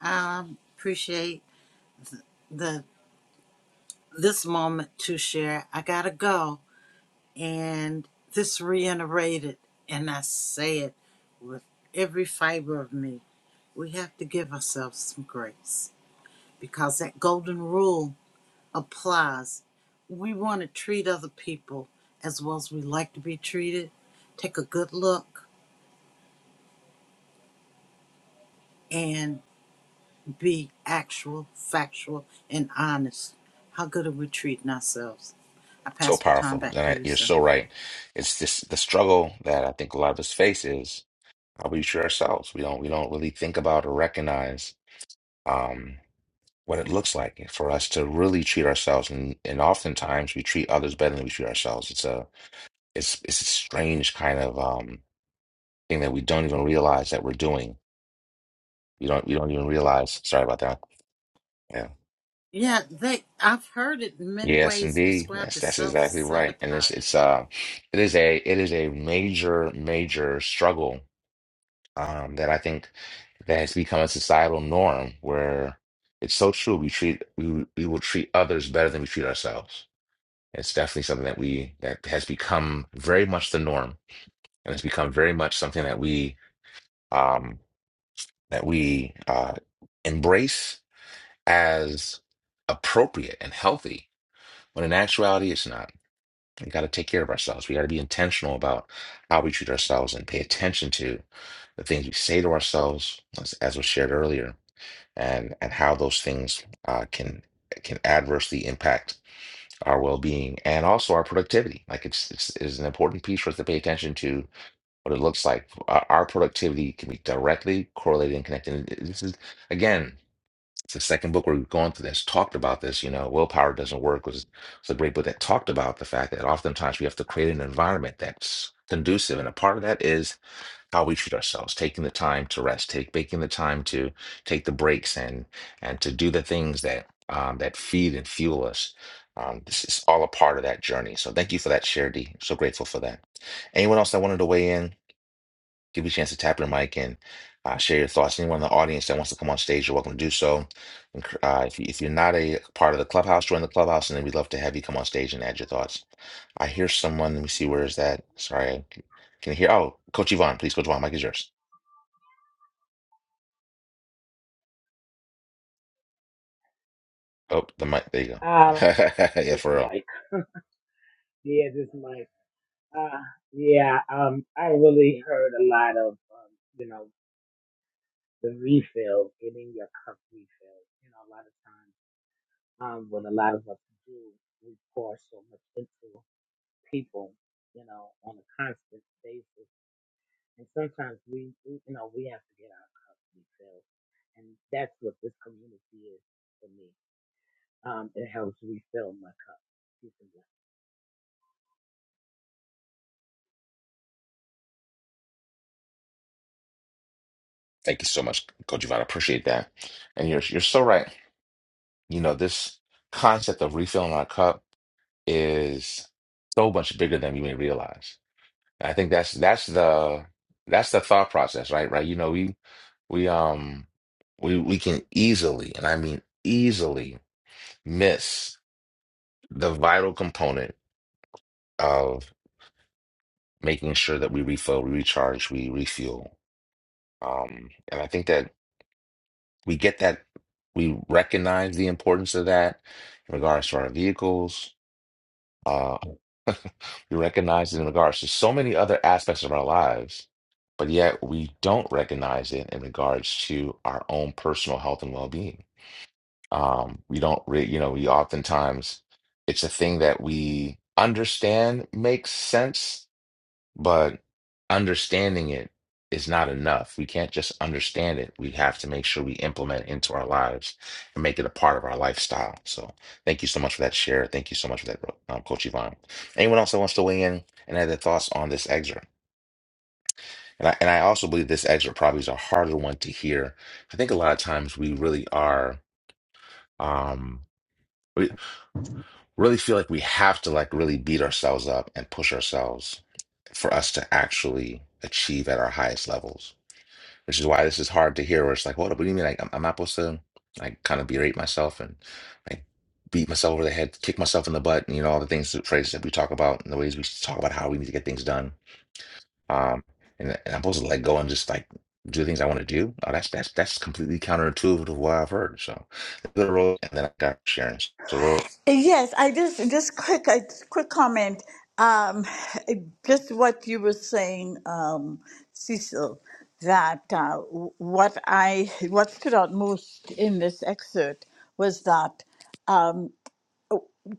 [SPEAKER 2] I appreciate the this moment to share. I gotta go, and this reiterated, and I say it with every fiber of me. We have to give ourselves some grace because that golden rule applies. We want to treat other people as well as we like to be treated. Take a good look, and. be actual, factual, and honest. How good are we treating ourselves? I
[SPEAKER 1] So
[SPEAKER 2] pass the time
[SPEAKER 1] powerful. And
[SPEAKER 2] back to
[SPEAKER 1] I,
[SPEAKER 2] you,
[SPEAKER 1] you're
[SPEAKER 2] sir.
[SPEAKER 1] so right. It's this the struggle that I think a lot of us face is how we treat ourselves. We don't we don't really think about or recognize um, what it looks like for us to really treat ourselves. And and oftentimes we treat others better than we treat ourselves. It's a it's it's a strange kind of um, thing that we don't even realize that we're doing. We don't we don't even realize. Sorry about that. Yeah.
[SPEAKER 2] Yeah, they. I've heard it in many
[SPEAKER 1] Yes,
[SPEAKER 2] ways
[SPEAKER 1] indeed.
[SPEAKER 2] described
[SPEAKER 1] Yes,
[SPEAKER 2] as
[SPEAKER 1] that's
[SPEAKER 2] self
[SPEAKER 1] exactly right. And it's
[SPEAKER 2] sabotage.
[SPEAKER 1] it's uh it is a it is a major major struggle um, that I think that has become a societal norm where it's so true. We treat we we will treat others better than we treat ourselves. It's definitely something that we that has become very much the norm, and it's become very much something that we um, that we uh, embrace as appropriate and healthy. When in actuality, it's not. We got to take care of ourselves. We got to be intentional about how we treat ourselves and pay attention to the things we say to ourselves, as, as was shared earlier and and how those things uh, can can adversely impact our well-being and also our productivity. Like it's it's, it's an important piece for us to pay attention to what it looks like. Our, our productivity can be directly correlated and connected. And it- This is again. It's the second book we're going through that's talked about this. You know, willpower doesn't work was was a great book that talked about the fact that oftentimes we have to create an environment that's conducive, and a part of that is how we treat ourselves, taking the time to rest, take making the time to take the breaks and and to do the things that um, that feed and fuel us. Um, this is all a part of that journey. So thank you for that, Share D. So grateful for that. Anyone else that wanted to weigh in, give you a chance to tap your mic and uh, share your thoughts. Anyone in the audience that wants to come on stage, you're welcome to do so. And, Uh, if, you, if you're not a part of the clubhouse, join the clubhouse, and then we'd love to have you come on stage and add your thoughts. I hear someone. Let me see. Where is that? Sorry, I can hear. Oh, Coach Yvonne, please, Coach Yvonne, mic is yours. Oh, the mic. There you go.
[SPEAKER 16] Um,
[SPEAKER 1] Yeah,
[SPEAKER 16] this
[SPEAKER 1] for real.
[SPEAKER 16] mic. Yeah, this mic. Uh, yeah, um, I really heard a lot of, um, you know, the refill, getting your cup refilled. You know, a lot of times, um, what a lot of us do, we pour so much into people, you know, on a constant basis And sometimes we, we- you know, we have to get our cups refilled. And that's what this community is for me. Um, it helps refill my cup. Peace and
[SPEAKER 1] Thank you so much, Coach Yvonne. I appreciate that. And you're you're so right. You know, this concept of refilling our cup is so much bigger than we may realize. And I think that's that's the that's the thought process, right? Right. You know, we we um we we can easily, and I mean easily, miss the vital component of making sure that we refill, we recharge, we refuel. Um, and I think that. we get that we recognize the importance of that in regards to our vehicles uh we recognize it in regards to so many other aspects of our lives but yet we don't recognize it in regards to our own personal health and well-being um we don't re- you know we oftentimes it's a thing that we understand makes sense but understanding it is not enough. We can't just understand it. We have to make sure we implement it into our lives and make it a part of our lifestyle. So thank you so much for that share. Thank you so much for that, um, Coach Yvonne. Anyone else that wants to weigh in and add their thoughts on this excerpt? And I, and I also believe this excerpt probably is a harder one to hear. I think a lot of times we really are, um, we really feel like we have to like really beat ourselves up and push ourselves for us to actually achieve at our highest levels which is why this is hard to hear. Where it's like, what, what do you mean? Like, I'm, I'm not supposed to like kind of berate myself and like beat myself over the head, kick myself in the butt, and you know all the things, the phrases that we talk about, and the ways we talk about how we need to get things done. Um, and, and I'm supposed to let go and just like do the things I want to do. Oh, that's that's that's completely counterintuitive to what I've heard. So, the role, and then I got Sharon. So, Ro-
[SPEAKER 7] yes i just just quick a quick comment um just what you were saying um cecil that uh, what i what stood out most in this excerpt was that um,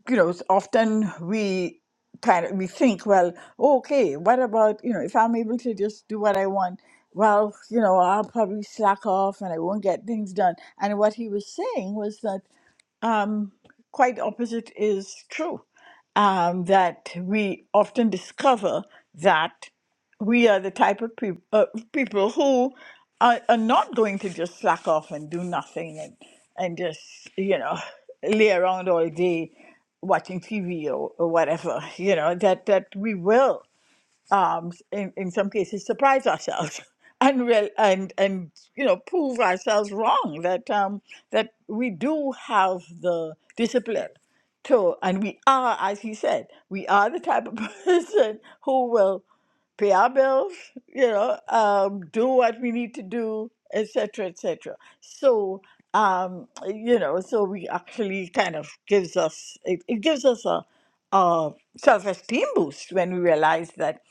[SPEAKER 7] you know, often we kind of we think, well, okay, what about you know, if I'm able to just do what I want, well, you know, I'll probably slack off and I won't get things done. And what he was saying was that um, quite opposite is true. Um, that we often discover that we are the type of peop uh, people who are, are not going to just slack off and do nothing and and just you know lay around all day watching TV or, or whatever. You know that that we will um, in, in some cases surprise ourselves and real, and and you know prove ourselves wrong that um, that we do have the discipline to and we are as he said we are the type of person who will pay our bills, you know, um, do what we need to do, etc., etc. So, um, you know, so we actually kind of gives us it, it gives us a, a self-esteem boost when we realize that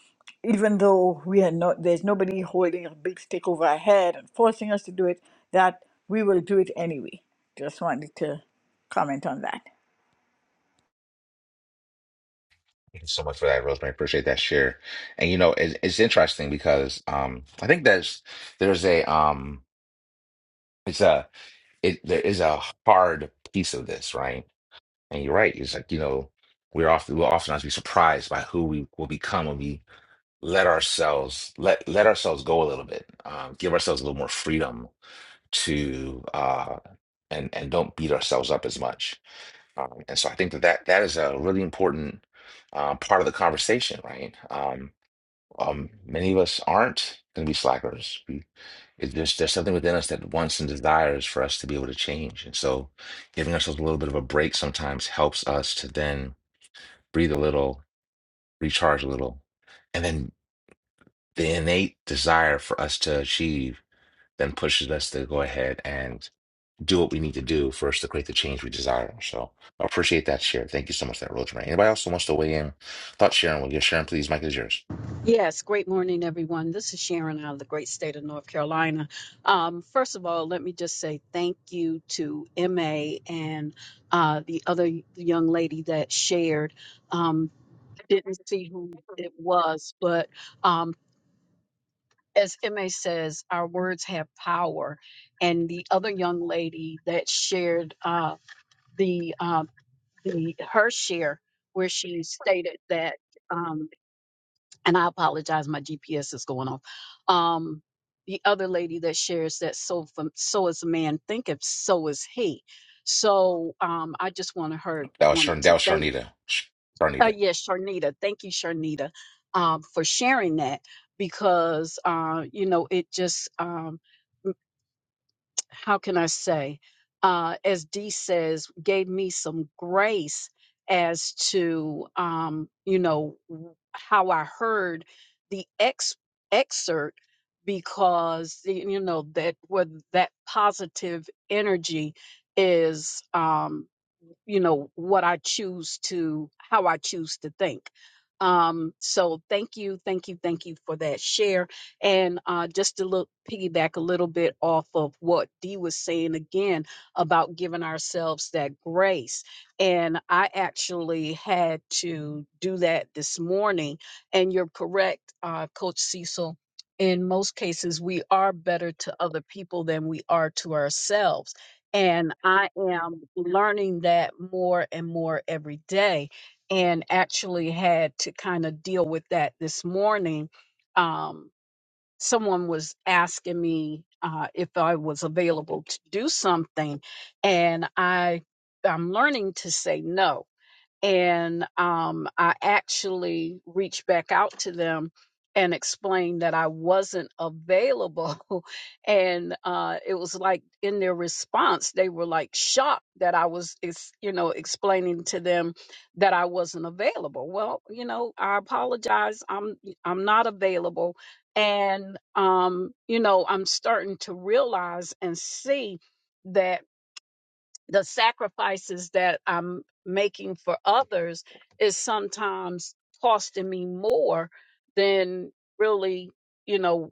[SPEAKER 7] even though we are not there's nobody holding a big stick over our head and forcing us to do it, that we will do it anyway. Just wanted to comment on that.
[SPEAKER 1] thank you so much for that, Rosemary. Appreciate that share. And you know, it's, it's interesting because um, I think there's there's a um, it's a it there is a hard piece of this, right? And you're right. It's like, you know, we're often we'll oftentimes be surprised by who we will become when we let ourselves let let ourselves go a little bit, um, give ourselves a little more freedom to uh and and don't beat ourselves up as much. Um, and so I think that that, that is a really important uh, part of the conversation, right? Um, um, many of us aren't going to be slackers. We, it, there's there's something within us that wants and desires for us to be able to change, and so giving ourselves a little bit of a break sometimes helps us to then breathe a little, recharge a little, and then the innate desire for us to achieve then pushes us to go ahead and do what we need to do for us to create the change we desire. So I appreciate that share. Thank you so much, for that Rosemary. Anybody else who wants to weigh in? Thought Sharon will get Sharon, please. Mike is yours.
[SPEAKER 9] Yes, great morning, everyone. This is Sharon out of the great state of North Carolina. Um, first of all, let me just say thank you to MA and uh, the other young lady that shared. Um, I didn't see who it was, but um, as MA says, our words have power. And the other young lady that shared uh, the, um the her share, where she stated that. um, and I apologize, my GPS is going off. Um, the other lady that shares that so from, so is a man thinketh, so is he. So um, I just wanted her
[SPEAKER 1] That was
[SPEAKER 9] wanted
[SPEAKER 1] Sharon. That
[SPEAKER 9] to
[SPEAKER 1] was
[SPEAKER 9] thank.
[SPEAKER 1] Sharonita. Sharonita.
[SPEAKER 9] Uh, yes, Sharnita, thank you, Sharnita, um, for sharing that because uh, you know it just um, how can I say, uh, as Dee says, gave me some grace as to, um, you know, w- how I heard the ex- excerpt because, y- you know, that where that positive energy is. Um, you know what i choose to how i choose to think um so thank you thank you thank you for that share and uh just to look piggyback a little bit off of what dee was saying again about giving ourselves that grace and i actually had to do that this morning and you're correct uh coach cecil in most cases we are better to other people than we are to ourselves and I am learning that more and more every day, and actually had to kind of deal with that this morning. Um, someone was asking me uh, if I was available to do something, and I I'm learning to say no and um, I actually reached back out to them and explained that I wasn't available. and uh, it was like in their response, they were like shocked that I was, ex- you know, explaining to them that I wasn't available. Well, you know, I apologize. I'm I'm not available, and um, you know, I'm starting to realize and see that the sacrifices that I'm making for others is sometimes costing me more than really, you know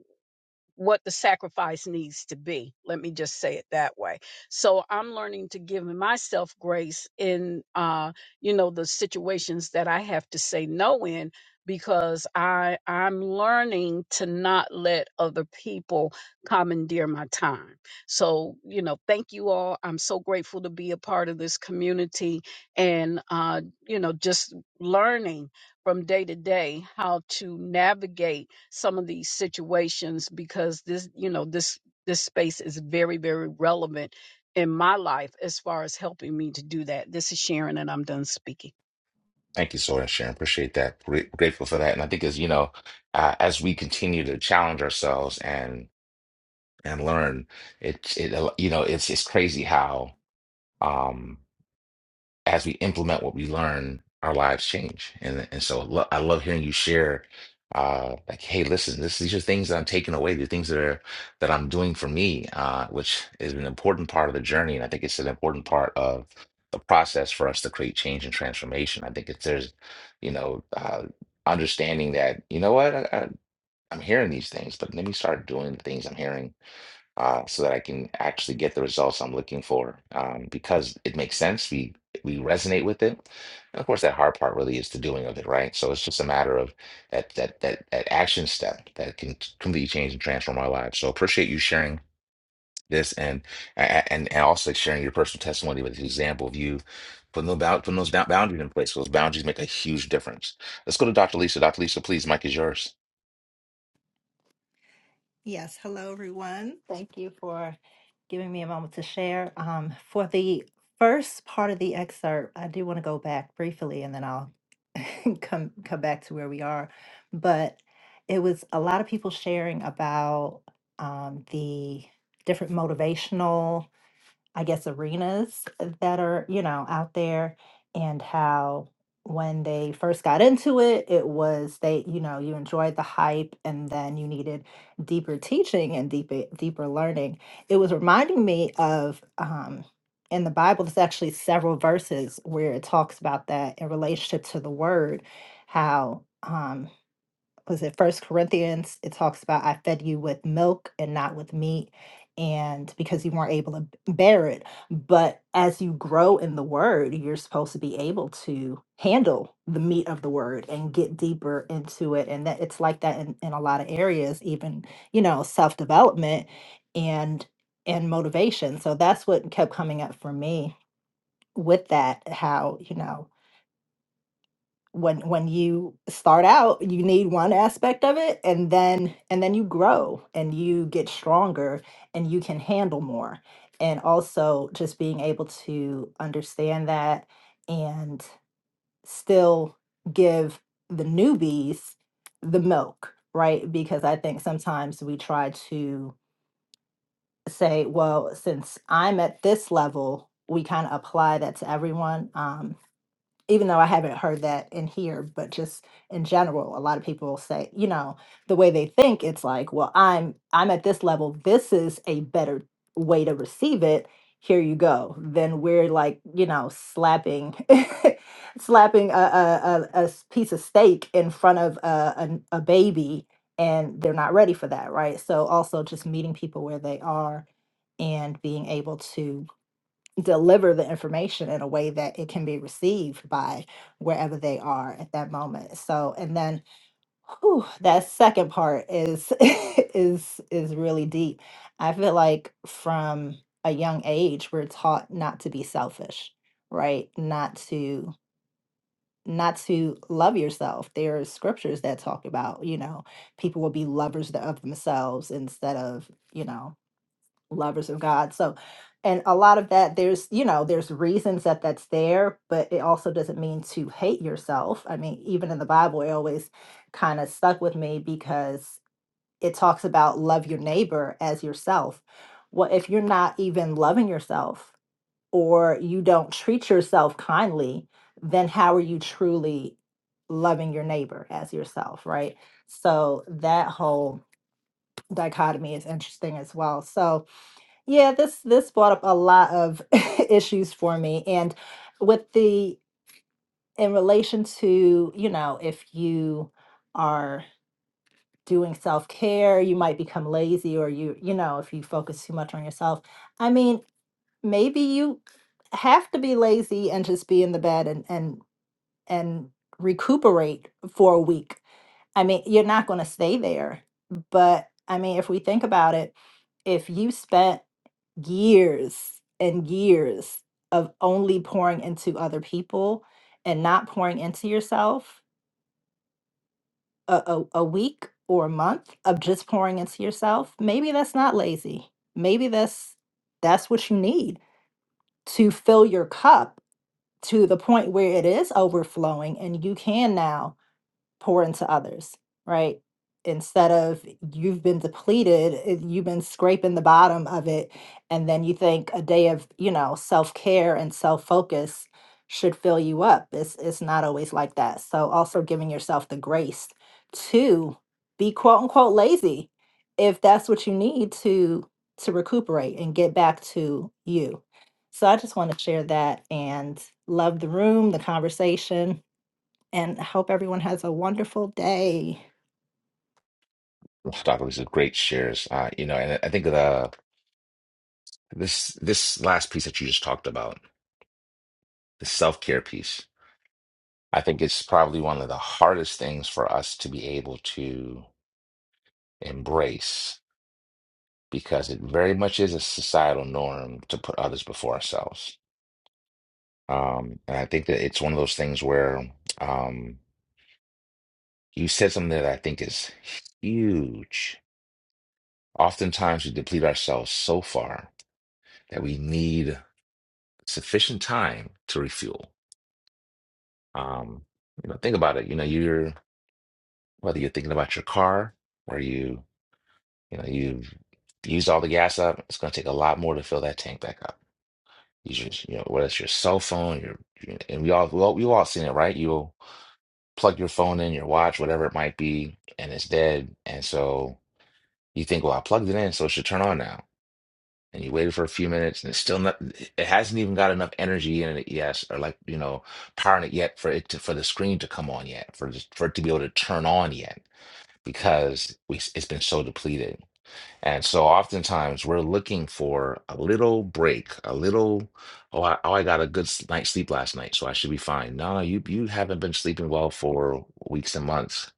[SPEAKER 9] what the sacrifice needs to be. Let me just say it that way. So I'm learning to give myself grace in uh you know the situations that I have to say no in because I I'm learning to not let other people commandeer my time. So, you know, thank you all. I'm so grateful to be a part of this community and uh you know just learning from day to day how to navigate some of these situations because this you know this this space is very very relevant in my life as far as helping me to do that this is sharon and i'm done speaking
[SPEAKER 1] Thank you so much, Sharon. Appreciate that. Great, grateful for that. And I think as you know, uh, as we continue to challenge ourselves and and learn, it it you know it's it's crazy how. Um, as we implement what we learn, our lives change. And and so lo- I love hearing you share, uh, like, hey, listen, this, these are things that I'm taking away, the things that are that I'm doing for me, uh, which is an important part of the journey, and I think it's an important part of the process for us to create change and transformation. I think it's there's, you know, uh, understanding that you know what I, I, I'm hearing these things, but let me start doing the things I'm hearing uh, so that I can actually get the results I'm looking for um, because it makes sense. We we resonate with it. And of course, that hard part really is the doing of it, right? So it's just a matter of that that that that action step that can t- completely change and transform our lives. So appreciate you sharing this and a- and and also sharing your personal testimony with the example of you. Putting those, bound, putting those bound- boundaries in place, those boundaries make a huge difference. Let's go to Dr. Lisa. Dr. Lisa, please, Mike is yours.
[SPEAKER 17] Yes, hello everyone. Thank you for giving me a moment to share. Um, for the first part of the excerpt, I do want to go back briefly and then I'll come come back to where we are. But it was a lot of people sharing about um, the different motivational I guess, arenas that are, you know, out there and how when they first got into it, it was they, you know, you enjoyed the hype and then you needed deeper teaching and deeper deeper learning. It was reminding me of um in the Bible, there's actually several verses where it talks about that in relationship to the word, how um was it first corinthians it talks about i fed you with milk and not with meat and because you weren't able to b- bear it but as you grow in the word you're supposed to be able to handle the meat of the word and get deeper into it and that it's like that in, in a lot of areas even you know self-development and and motivation so that's what kept coming up for me with that how you know when when you start out you need one aspect of it and then and then you grow and you get stronger and you can handle more and also just being able to understand that and still give the newbies the milk right because i think sometimes we try to say well since i'm at this level we kind of apply that to everyone Um, even though I haven't heard that in here, but just in general, a lot of people say, you know, the way they think, it's like, well, I'm I'm at this level. This is a better way to receive it. Here you go. Then we're like, you know, slapping, slapping a, a, a, a s- piece of steak in front of a, a, a baby, and they're not ready for that, right? So also just meeting people where they are and being able to deliver the information in a way that it can be received by wherever they are at that moment. So, and then whew, that second part is is is really deep. I feel like from a young age we're taught not to be selfish, right? Not to not to love yourself. There are scriptures that talk about, you know, people will be lovers th- of themselves instead of, you know, lovers of God. So, and a lot of that, there's, you know, there's reasons that that's there, but it also doesn't mean to hate yourself. I mean, even in the Bible, it always kind of stuck with me because it talks about love your neighbor as yourself. Well, if you're not even loving yourself or you don't treat yourself kindly, then how are you truly loving your neighbor as yourself, right? So that whole dichotomy is interesting as well. So, yeah, this this brought up a lot of issues for me. And with the in relation to, you know, if you are doing self-care, you might become lazy or you, you know, if you focus too much on yourself. I mean, maybe you have to be lazy and just be in the bed and and and recuperate for a week. I mean, you're not going to stay there. But I mean, if we think about it, if you spent years and years of only pouring into other people and not pouring into yourself a, a, a week or a month of just pouring into yourself maybe that's not lazy maybe that's that's what you need to fill your cup to the point where it is overflowing and you can now pour into others, right? Instead of you've been depleted, it- you've been scraping the bottom of it. And then you think a day of, you know, self care and self focus should fill you up. It's, it's not always like that. So also giving yourself the grace to be quote unquote lazy if that's what you need to to recuperate and get back to you. So I just want to share that and love the room, the conversation and I hope everyone has a wonderful day.
[SPEAKER 1] Dr. Lisa, great shares. Uh, you know, and I I think that. uh, This this last piece that you just talked about, the self-care piece, I think it's probably one of the hardest things for us to be able to embrace because it very much is a societal norm to put others before ourselves. Um, and I think that it's one of those things where um, you said something that I think is huge. Oftentimes we deplete ourselves so far that we need sufficient time to refuel. Um, you know, think about it. You know, you're whether you're thinking about your car where you, you know, you've used all the gas up, it's going to take a lot more to fill that tank back up. You just, you know, whether it's your cell phone, your, your- and we all, we all, we've all seen it, right? You'll plug your phone in, your watch, whatever it might be, and it's dead. And so you think, well, I plugged it in, so it should turn on now. And you waited for a few minutes, and it's still not, it hasn't even got enough energy in it, yes, or like, you know, powering it yet for it to, for the screen to come on yet, for just, for it to be able to turn on yet. because we, it's been so depleted. And so oftentimes we're looking for a little break, a little, oh, I, oh, I got a good s- night's sleep last night, so I should be fine. No, no, you, you haven't been sleeping well for weeks and months.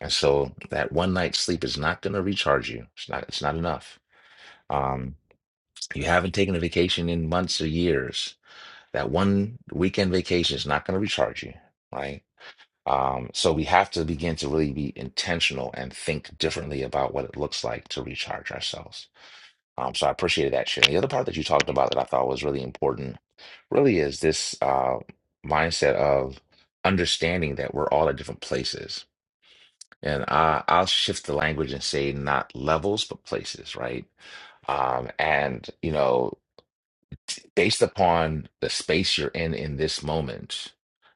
[SPEAKER 1] And so that one night's sleep is not going to recharge you. It's not, it's not enough. Um, you haven't taken a vacation in months or years. That one weekend vacation is not going to recharge you, right? Um, so we have to begin to really be intentional and think differently about what it looks like to recharge ourselves. Um, so I appreciated that share. The other part that you talked about that I thought was really important really is this uh, mindset of understanding that we're all at different places. And I, I'll shift the language and say not levels, but places, right? Um, and, you know, based upon the space you're in in this moment,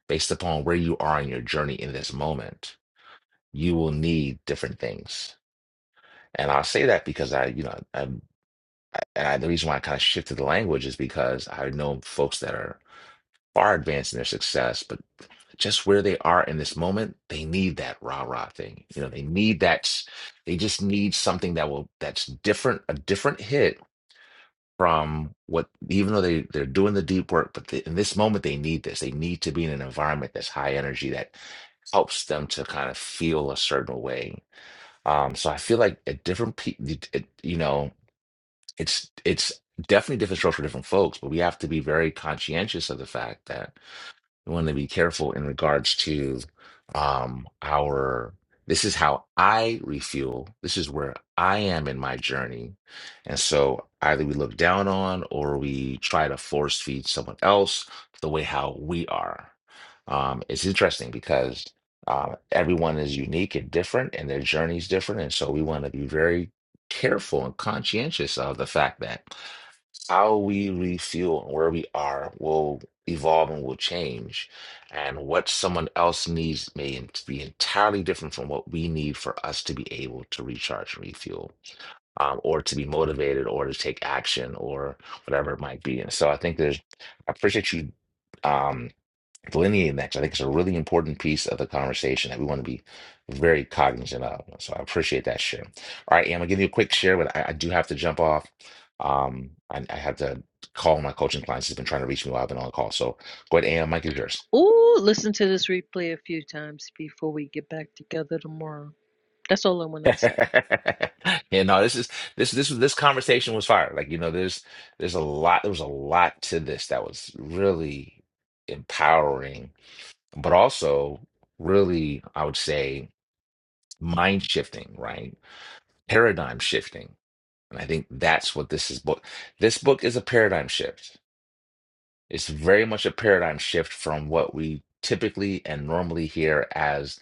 [SPEAKER 1] based upon where you are in your journey in this moment you will need different things. And I'll say that because I, you know, i I, and I, the reason why I kind of shifted the language is because I know folks that are far advanced in their success, but just where they are in this moment, they need that rah rah thing. You know, they need that. They just need something that will that's different, a different hit from what. Even though they they're doing the deep work, but they, in this moment they need this. They need to be in an environment that's high energy that helps them to kind of feel a certain way Um, so I feel like at different people, you know, it's it's definitely different strokes for different folks, but we have to be very conscientious of the fact that we want to be careful in regards to um our this is how i refuel this is where i am in my journey and so either we look down on or we try to force feed someone else the way how we are um it's interesting because uh, everyone is unique and different and their journey is different and so we want to be very careful and conscientious of the fact that how we refuel and where we are will evolve and will change. And what someone else needs may en- be entirely different from what we need for us to be able to recharge and refuel, um, or to be motivated, or to take action, or whatever it might be. And so I think there's, I appreciate you. Um, delineating that 'cause I think it's a really important piece of the conversation that we want to be very cognizant of. So I appreciate that share. All right, yeah, I'm gonna give you a quick share, but I, I do have to jump off. Um, I, I have to call my coaching clients. He's been trying to reach me while I've been on the call. So go ahead, AM, Mike is yours.
[SPEAKER 5] Ooh, listen to this replay a few times before we get back together tomorrow. That's all I want to say.
[SPEAKER 1] yeah, no, this is this this this conversation was fire. Like you know, there's there's a lot. There was a lot to this that was really empowering, but also really, I would say, mind shifting. Right? paradigm shifting. And I think that's what this is book. This book is a paradigm shift. It's very much a paradigm shift from what we typically and normally hear as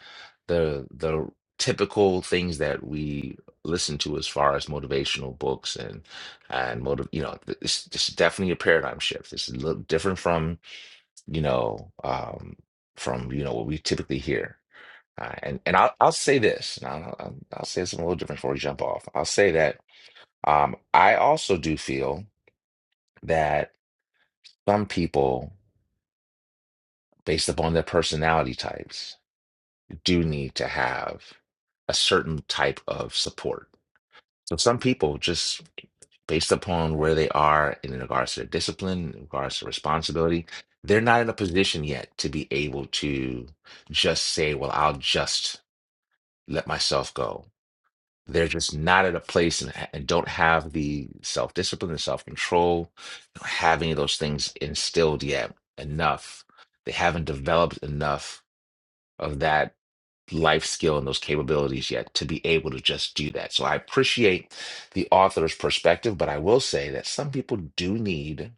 [SPEAKER 1] the the typical things that we listen to as far as motivational books and and motive you know th- it's, it's definitely a paradigm shift it's a little different from you know um from you know what we typically hear uh, and and I'll I'll say this, and I'll, I'll I'll say something a little different before we jump off. I'll say that um, I also do feel that some people, based upon their personality types, do need to have a certain type of support. So some people just based upon where they are in regards to their discipline, in regards to responsibility, they're not in a position yet to be able to just say, well, I'll just let myself go they're just not at a place and, and don't have the self discipline and self control, don't have any of those things instilled yet enough. They haven't developed enough of that life skill and those capabilities yet to be able to just do that. So I appreciate the author's perspective, but I will say that some people do need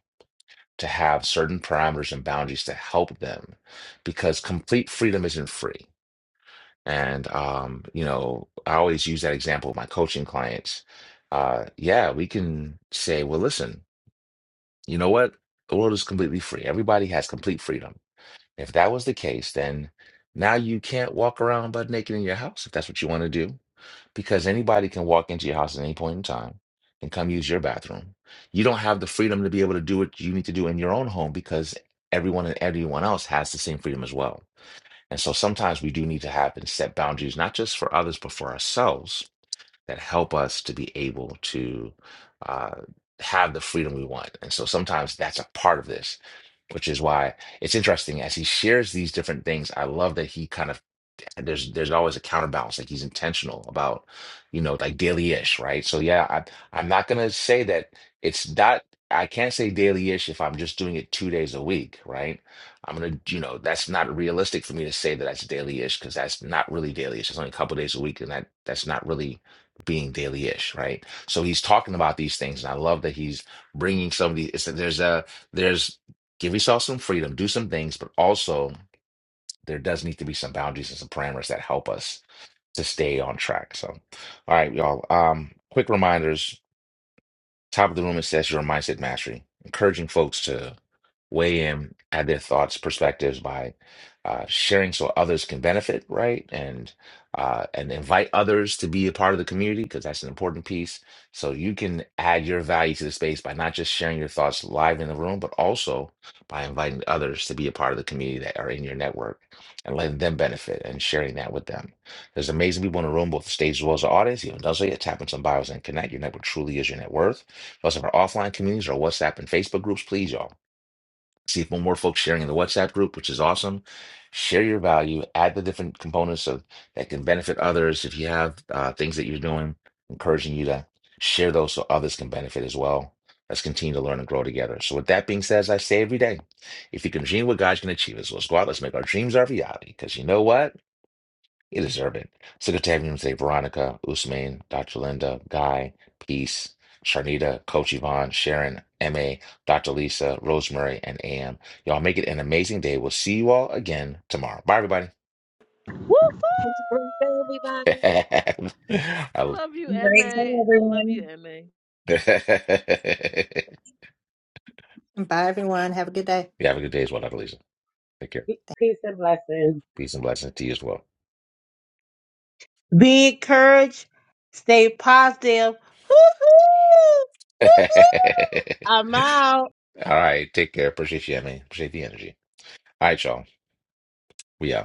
[SPEAKER 1] to have certain parameters and boundaries to help them because complete freedom isn't free and um, you know, I always use that example with my coaching clients. Uh, yeah, we can say, well, listen, you know what? The world is completely free. Everybody has complete freedom. If that was the case, then now you can't walk around butt naked in your house if that's what you want to do, because anybody can walk into your house at any point in time and come use your bathroom. You don't have the freedom to be able to do what you need to do in your own home because everyone and everyone else has the same freedom as well. And so sometimes we do need to have and set boundaries, not just for others, but for ourselves that help us to be able to uh, have the freedom we want. And so sometimes that's a part of this, which is why it's interesting as he shares these different things. I love that he kind of and there's there's always a counterbalance. Like he's intentional about, you know, like daily-ish, right? So yeah, I, I'm not gonna say that it's not. I can't say daily-ish if I'm just doing it two days a week, right? I'm gonna, you know, that's not realistic for me to say that that's daily-ish because that's not really daily-ish. It's only a couple days a week, and that that's not really being daily-ish, right? So he's talking about these things, and I love that he's bringing some of these. It's, there's a there's give yourself some freedom, do some things, but also there does need to be some boundaries and some parameters that help us to stay on track. So, all right, y'all. Um, quick reminders. Top of the room, it says your mindset mastery, encouraging folks to weigh in, add their thoughts, perspectives by uh, sharing so others can benefit, right? And uh, and invite others to be a part of the community because that's an important piece. So you can add your value to the space by not just sharing your thoughts live in the room, but also by inviting others to be a part of the community that are in your network and letting them benefit and sharing that with them. There's amazing people in the room, both the stage as well as the audience. You haven't done so yet. Tap into some bios and connect. Your network truly is your net worth. Plus, of our offline communities, our WhatsApp and Facebook groups, please, y'all see if more folks sharing in the WhatsApp group, which is awesome. Share your value, add the different components of that can benefit others. If you have uh, things that you're doing, encouraging you to share those so others can benefit as well. Let's continue to learn and grow together. So, with that being said, as I say every day, if you can dream what God can achieve us, let's go out, let's make our dreams our reality. Because you know what? You deserve it. Sick of having you say Veronica, Usman, Dr. Linda, Guy, Peace, Sharnita, Coach Yvonne, Sharon, MA, Dr. Lisa, Rosemary, and AM. Y'all make it an amazing day. We'll see you all again tomorrow. Bye, everybody.
[SPEAKER 5] Woohoo!
[SPEAKER 9] Happy birthday, everybody.
[SPEAKER 1] I-
[SPEAKER 5] I love you, MA. I love you, MA.
[SPEAKER 1] you
[SPEAKER 17] Bye, everyone. Have a good day.
[SPEAKER 1] have a good day as well, Dr. Lisa. Take care.
[SPEAKER 16] blessings. Peace and blessings.
[SPEAKER 1] Peace and blessings to you as well.
[SPEAKER 15] Be encouraged. Stay positive. Hoo hoo!
[SPEAKER 1] all
[SPEAKER 15] Hoo hoo! I'm out.
[SPEAKER 1] right. Take care. Appreciate you, MA. Appreciate the energy. All right, y'all. We out.